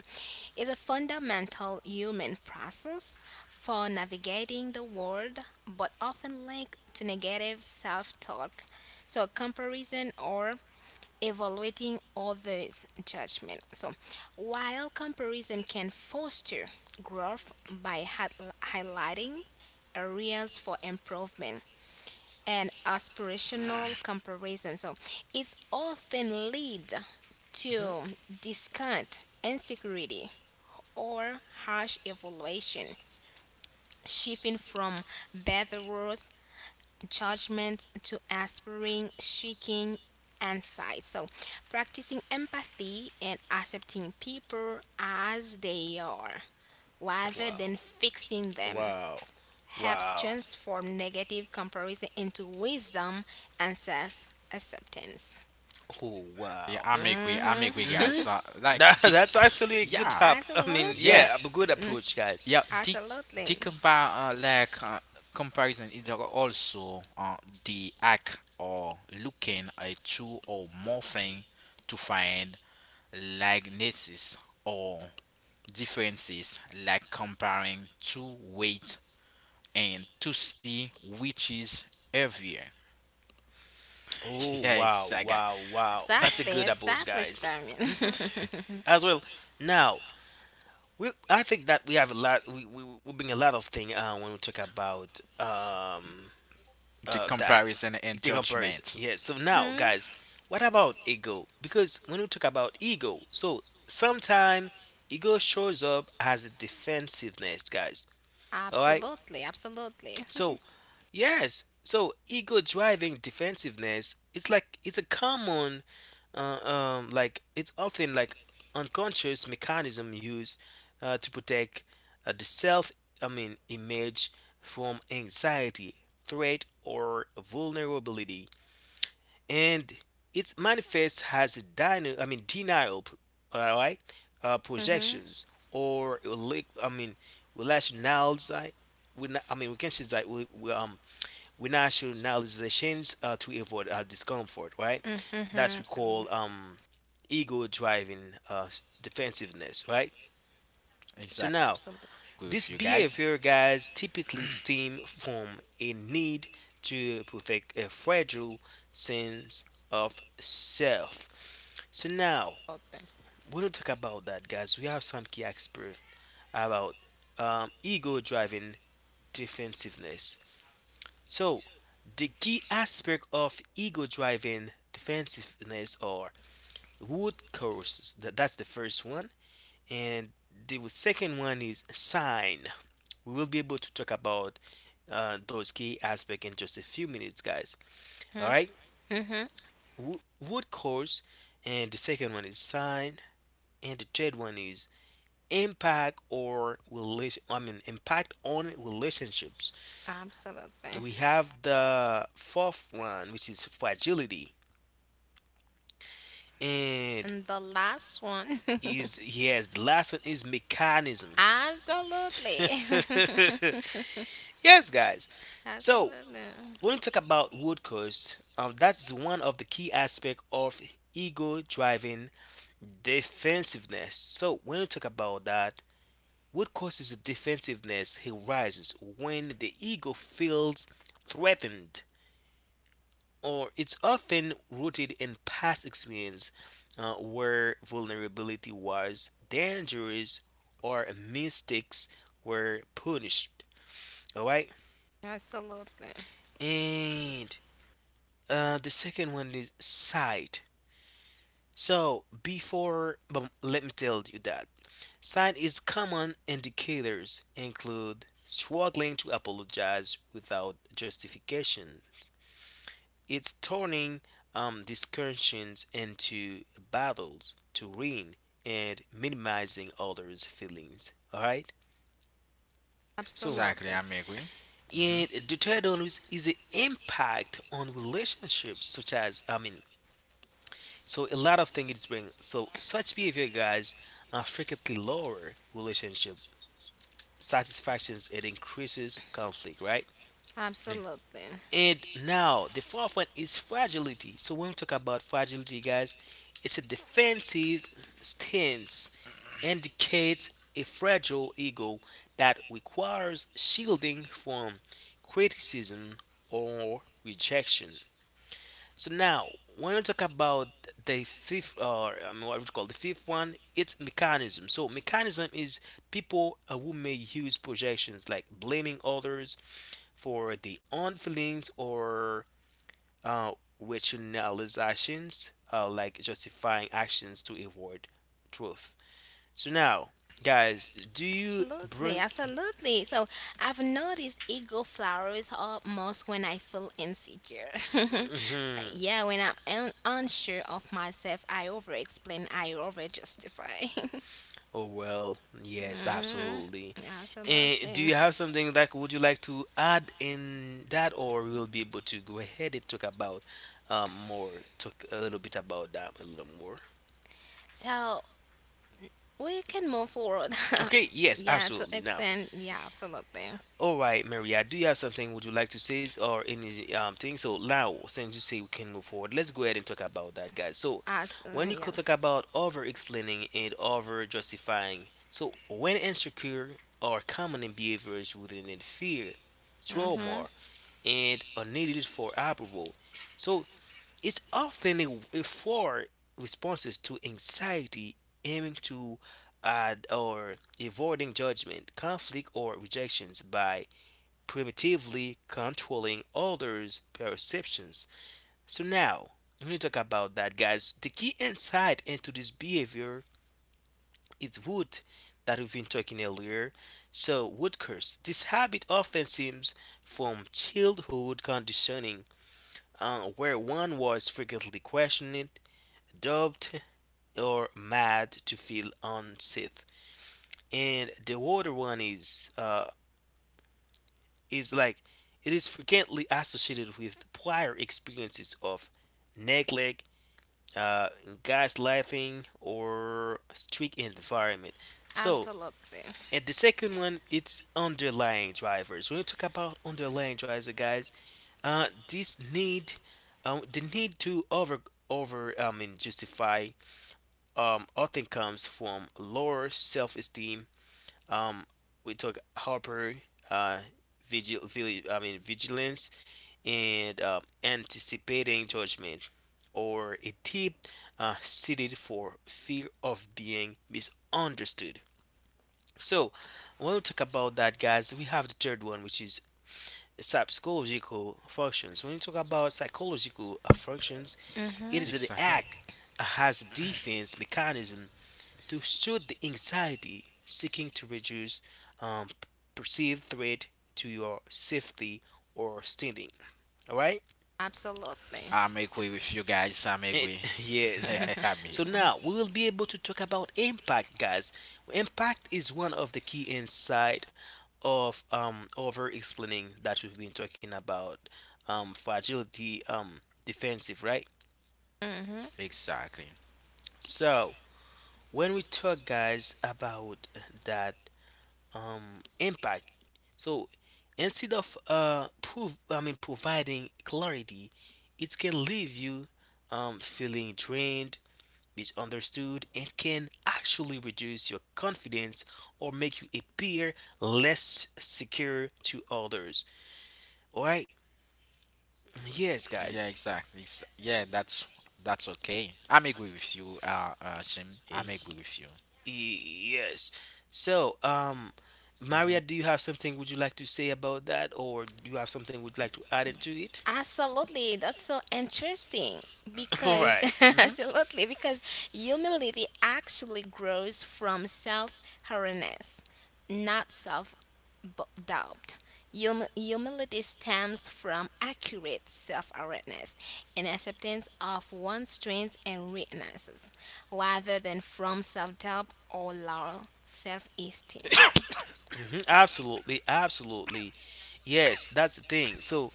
B: it's a fundamental human process for navigating the world, but often linked to negative self talk. So comparison or evaluating others' judgment. So, while comparison can foster growth by hi- highlighting areas for improvement and aspirational comparison, so it often leads
A: Hmm.
B: to discount, insecurity, or harsh evaluation, shifting from better worse judgment to aspiring, seeking insight. So, practicing empathy and accepting people as they are rather than
A: Wow,
B: fixing them
A: wow,
B: helps
A: wow,
B: transform negative comparison into wisdom and self acceptance.
A: oh
C: Yeah,
A: wow.
C: I'm agree. I'm
B: Hmm.
C: agree,
A: Hmm.
C: guys. Uh, like,
A: That,
C: the,
A: that's actually a good
C: yeah.
A: hop. I mean,
B: Absolutely.
C: Yeah,
A: yeah, a good
B: Mm,
A: approach, guys.
C: yeah. The
B: absolutely.
C: the compare uh, like uh, comparison is also uh, the act or looking at two or more things to find likenesses or differences, like comparing two weight and to see which is heavier.
A: Oh
C: yeah,
A: wow,
C: exactly.
A: wow, wow. That's a
B: Exactly.
A: good approach,
B: Exactly,
A: guys. Hmm.
B: Damien.
A: As well. Now, We, I think that we have a lot. We we we bring a lot of thing uh, when we talk about um
C: The
A: uh that
C: comparison and
A: the comparison.
C: judgment.
A: Yeah. So now,
B: Mhm.
A: guys, what about ego? Because when we talk about ego, so sometime ego shows up as a defensiveness, guys. All right.
B: Absolutely. Absolutely.
A: So yes. So ego driving defensiveness. It's like it's a common uh, um, like it's often like unconscious mechanism used uh, to protect uh, the self I mean image from anxiety threat or vulnerability and it manifests as a dyna- I mean denial, all right, uh,
B: Hmm.
A: projections or like I mean rationalize we I mean we can say that we, we um we rationalizations uh, to avoid uh, discomfort, right?
B: Mm-hmm,
A: That's we
B: mm-hmm.
A: call um ego driving uh, defensiveness, right? So
C: Exactly.
A: now,
B: Absolutely.
C: Agree
A: this
C: with you guys.
A: behavior, guys, typically stem from a need to protect a fragile sense of self. So now,
B: Absolutely.
A: we're going to talk about that, guys. We have some key experts about um, ego driving defensiveness. So, the key aspect of ego driving defensiveness are root causes. That's the first one. And the second one is sign. We will be able to talk about uh, those key aspects in just a few minutes, guys. All
B: Hmm.
A: right,
B: Hmm.
A: Wo- root cause, and the second one is sign, and the third one is impact or relation. I mean, impact on relationships. We
B: Absolutely.
A: have the fourth one, which is fragility, and
B: And the last one.
A: is yes, the last one is mechanism.
B: Absolutely.
A: Yes, guys. So
B: Absolutely.
A: when you talk about root cause, um, that's one of the key aspects of ego driving defensiveness. So when you talk about that, what causes defensiveness arises when the ego feels threatened, or it's often rooted in past experience uh, where vulnerability was dangerous or mistakes were punished. All right,
B: Absolutely. Absolutely.
A: and uh, the second one is sight. So before, but let me tell you that signs common indicators include struggling to apologize without justification. It's turning um, discussions into battles to win and minimizing others' feelings. All right. So,
C: Exactly,
B: Absolutely.
C: I'm agree. hmm
A: and the third one is, is the impact on relationships, such as I mean so a lot of things it's bring. So such behavior, guys, uh, frequently lower relationship satisfactions. It increases conflict, right?
B: Absolutely.
A: And now the fourth one is fragility. So when we talk about fragility, guys, it's a defensive stance, indicates a fragile ego that requires shielding from criticism or rejection. So now, when we talk about the fifth, or um, what we call the fifth one, it's mechanism. So mechanism is people uh, who may use projections like blaming others for their own feelings or uh, rationalizations, uh, like justifying actions to avoid truth. So now, guys, do you bring?
B: Absolutely. So I've noticed ego flowers almost when I feel insecure.
A: Mhm.
B: yeah, when I'm un- unsure of myself, I over explain, I over justify.
A: Oh well, yes,
B: Mhm.
A: absolutely. And do
B: Absolutely.
A: you have something like would you like to add in that, or we'll be able to go ahead and talk about um more, talk a little bit about that a little more.
B: So we can move forward.
A: Okay, yes,
B: yeah, to
A: absolutely. Now,
B: extend. Yeah, absolutely.
A: all right, Maria, do you have something would you like to say or any um thing? So now, since you say we can move forward, let's go ahead and talk about that, guys. So
B: As uh,
A: when you
B: yeah.
A: could talk about over explaining and over justifying, so when insecure are common in behaviors within in fear,
B: Mhm.
A: trauma, and are needed for approval. So it's often a, a for responses to anxiety aiming to add or avoiding judgment, conflict, or rejections by primitively controlling others' perceptions. So now, when you talk about that, guys, the key insight into this behavior is root that we've been talking earlier. So, root curse. This habit often seems from childhood conditioning, uh, where one was frequently questioned, dubbed, or mad to feel unsafe. And the other one is uh, is like it is frequently associated with prior experiences of neglect, uh, gaslighting, or strict environment. So,
B: Absolutely.
A: and the second one, it's underlying drivers. When you talk about underlying drivers, guys, uh, this need, um, the need to over over, I mean, justify, um, often comes from lower self-esteem um, we took Harper, uh, vigil, vigil, I mean vigilance, and um, anticipating judgment, or a tip uh, seated for fear of being misunderstood. So, when we talk about that, guys, we have the third one, which is psychological functions. When you talk about psychological uh, functions, it
B: Mhm.
A: is the
C: Exactly.
A: act as a defense mechanism to soothe the anxiety, seeking to reduce um, perceived threat to your safety or standing. All right?
B: Absolutely.
C: I'm agree with you guys. I'm
A: It,
C: agree.
A: yes, guys.
C: I'm here.
A: So now we will be able to talk about impact, guys. Impact is one of the key insight of um, over explaining that we've been talking about um, fragility, um, defensive, right?
B: Mhm.
C: Exactly.
A: So when we talk, guys, about that um, impact. So instead of uh, prov- I mean providing clarity, it can leave you um, feeling drained, misunderstood, and can actually reduce your confidence or make you appear less secure to others. All right? Yes,
C: Yeah,
A: guys.
C: exactly. Ex- yeah, that's that's okay. I'm agree with you, uh, uh, Jim. I'm agree
A: Y-
C: with you.
A: Yes. So, um, Maria, do you have something would you like to say about that, or do you have something would like to add into it?
B: Absolutely, that's so interesting
A: All
B: because
A: right.
B: absolutely because humility actually grows from self-awareness, not self-doubt. Hum- humility stems from accurate self-awareness and acceptance of one's strengths and weaknesses, rather than from self-doubt or low self-esteem.
A: Hmm. Absolutely, absolutely. Yes, that's the thing. So,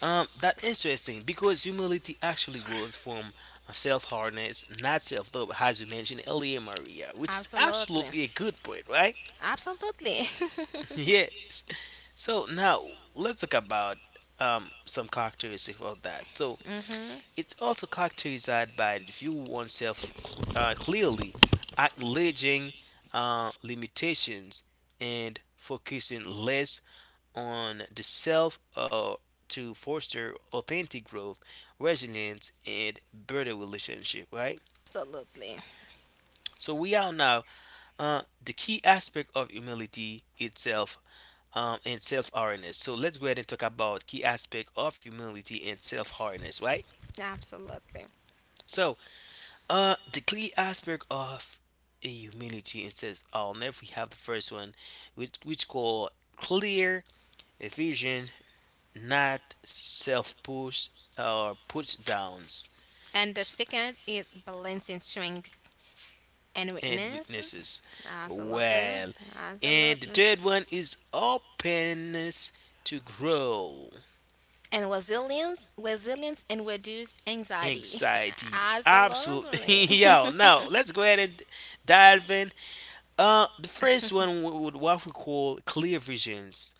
A: um, that's interesting because humility actually goes from self hardness not self love, as you mentioned earlier, Maria, which is
B: Absolutely,
A: absolutely a good point, right?
B: absolutely.
A: Yes. So now let's talk about um some characteristics of that. So
B: Hmm,
A: it's also characterized by the view oneself cl- uh, clearly, acknowledging uh, limitations and focusing less on the self uh, to foster authentic growth, resilience, and better relationship, right?
B: absolutely.
A: So we are now uh, the key aspect of humility itself um, and self-awareness. So let's go ahead and talk about key aspect of humility and self-awareness, right?
B: Absolutely.
A: So uh, the key aspect of a humility and self-awareness, we have the first one, which which called clear vision not self push or push downs
B: And the
A: s-
B: second is balancing strength and
A: and
B: weaknesses.
A: weaknesses.
B: Absolutely.
A: Well, and the
B: Absolutely.
A: third one is openness to grow.
B: And resilience, resilience and reduce anxiety.
A: Anxiety.
B: Absolutely.
A: Absolutely. Yo, now let's go ahead and dive in. Uh, the first one w- would what we call clear visions.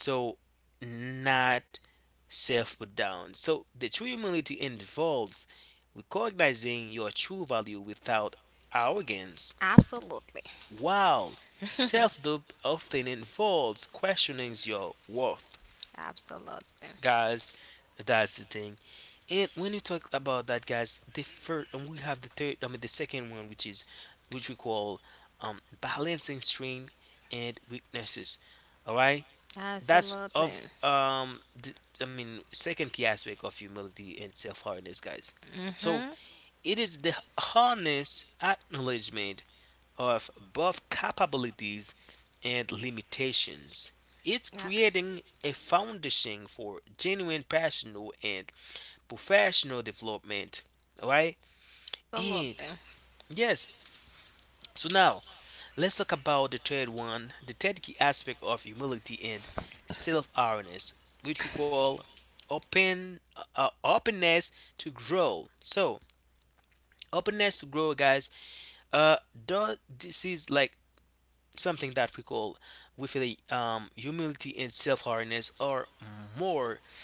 A: So not self put down. So the true humility involves recognizing your true value without arrogance,
B: Absolutely.
A: while self doubt often involves questioning your worth.
B: Absolutely.
A: Guys, that's the thing. And when you talk about that, guys, the first and we have the third, I mean the second one, which is which we call um, balancing strength and weaknesses. All right, that's of
B: Absolutely.
A: um the, I mean second key aspect of humility and self-awareness, guys.
B: Mhm.
A: So it is the honest acknowledgement of both capabilities and limitations. It's creating a foundation for genuine personal and professional development. All right, and
B: Absolutely.
A: yes. So now let's talk about the third one, the third key aspect of humility and self-awareness, which we call open uh, uh, openness to grow. So openness to grow, guys. Uh, though this is like something that we call with a um, humility and self-awareness are more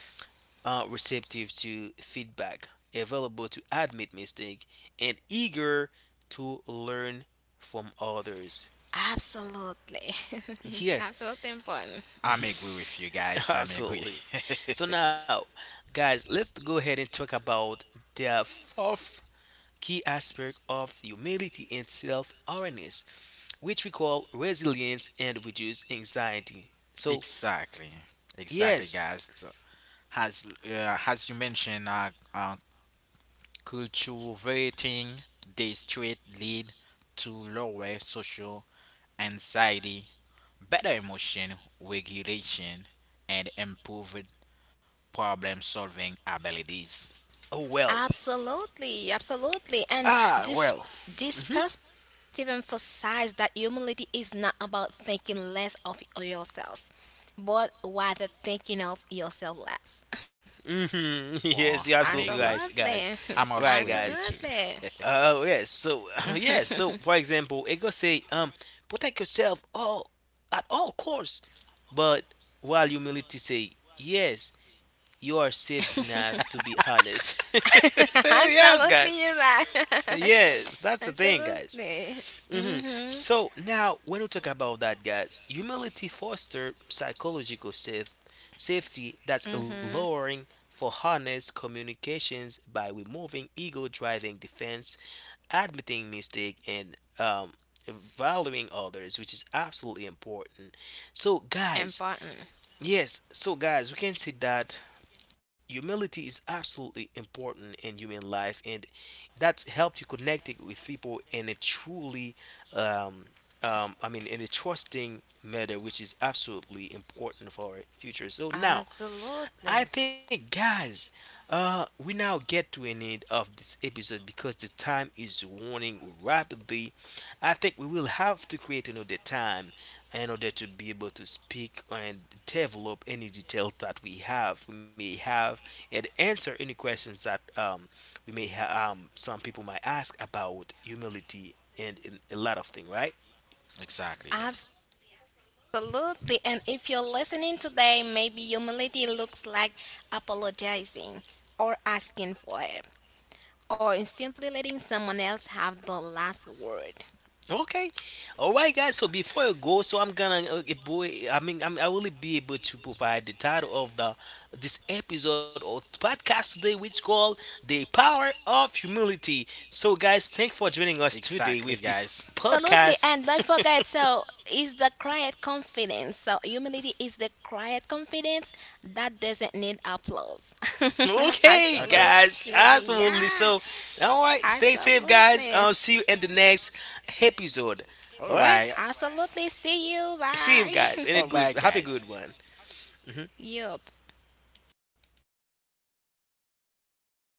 A: uh, receptive to feedback, available to admit mistake, and eager to learn from others.
B: Absolutely.
A: Yes,
B: Absolutely important.
C: I'm agree with you guys. I'm agree.
A: absolutely. So now, guys, let's go ahead and talk about the fourth key aspect of humility and self-awareness, which we call resilience and reduce anxiety. So,
C: exactly. Exactly,
A: yes,
C: guys. As uh, as you mentioned, uh, uh, cultivating this trait lead to lower social anxiety, better emotion regulation, and improved problem solving abilities.
A: oh well,
B: Absolutely, absolutely. And
A: ah
B: this
A: well.
B: this
A: Hmm.
B: perspective emphasizes that humility is not about thinking less of yourself, but rather thinking of yourself less.
A: Hmm.
C: Well,
A: Yes, you're
C: I'm
A: absolutely
C: agree.
B: Absolutely.
A: right, guys.
C: I'm also
A: Right,
C: agree
B: Absolutely.
A: guys.
C: too.
A: Oh yeah, so yeah, so for example, it could say um protect yourself all at all costs, but while humility say yes, you are safe enough to be honest. Yes,
B: Absolutely,
A: guys.
B: you're right.
A: Yes, that's the thing, guys.
B: Absolutely.
A: Hmm.
B: Mm-hmm.
A: So now, when we talk about that, guys, humility foster psychological safe safety that's
B: Mm-hmm.
A: alluring for honest communications by removing ego-driving defense admitting mistake and um, valuing others, which is absolutely important. So, guys,
B: Important.
A: yes, so guys, we can see that humility is absolutely important in human life, and that's helped you connect it with people in a truly, um, um, I mean, in a trusting manner, which is absolutely important for our future. So now
B: Absolutely.
A: I think, guys, uh, we now get to an end of this episode because the time is running rapidly. I think we will have to create another time in order to be able to speak and develop any detail that we have, we may have, and answer any questions that um, we may ha- um, some people might ask about humility and, and a lot of things, right?
C: exactly, guys.
B: Absolutely. And if you're listening today, maybe humility looks like apologizing or asking for help or simply letting someone else have the last word.
A: Okay. All right, guys. So before you go, so I'm gonna, uh, eh, boy, I mean, I'm, I will be able to provide the title of the this episode or podcast today, which called "The Power of Humility." So, guys, thanks for joining us today
C: Exactly,
A: with this
C: guys.
B: Absolutely.
A: podcast.
B: And don't forget, so is the quiet confidence. So humility is the quiet confidence that doesn't need applause.
A: Okay,
C: Okay.
A: guys.
B: Absolutely. Yeah.
A: Absolutely. So, all right. Stay safe,
B: Absolutely.
A: guys. I'll see you in the next episode. All
C: All
A: right.
C: right.
B: Absolutely. See you.
A: See
B: Bye.
A: you guys. And a
C: All
A: good,
C: right,
A: have a
C: guys.
A: good one. Mhm.
B: Yup.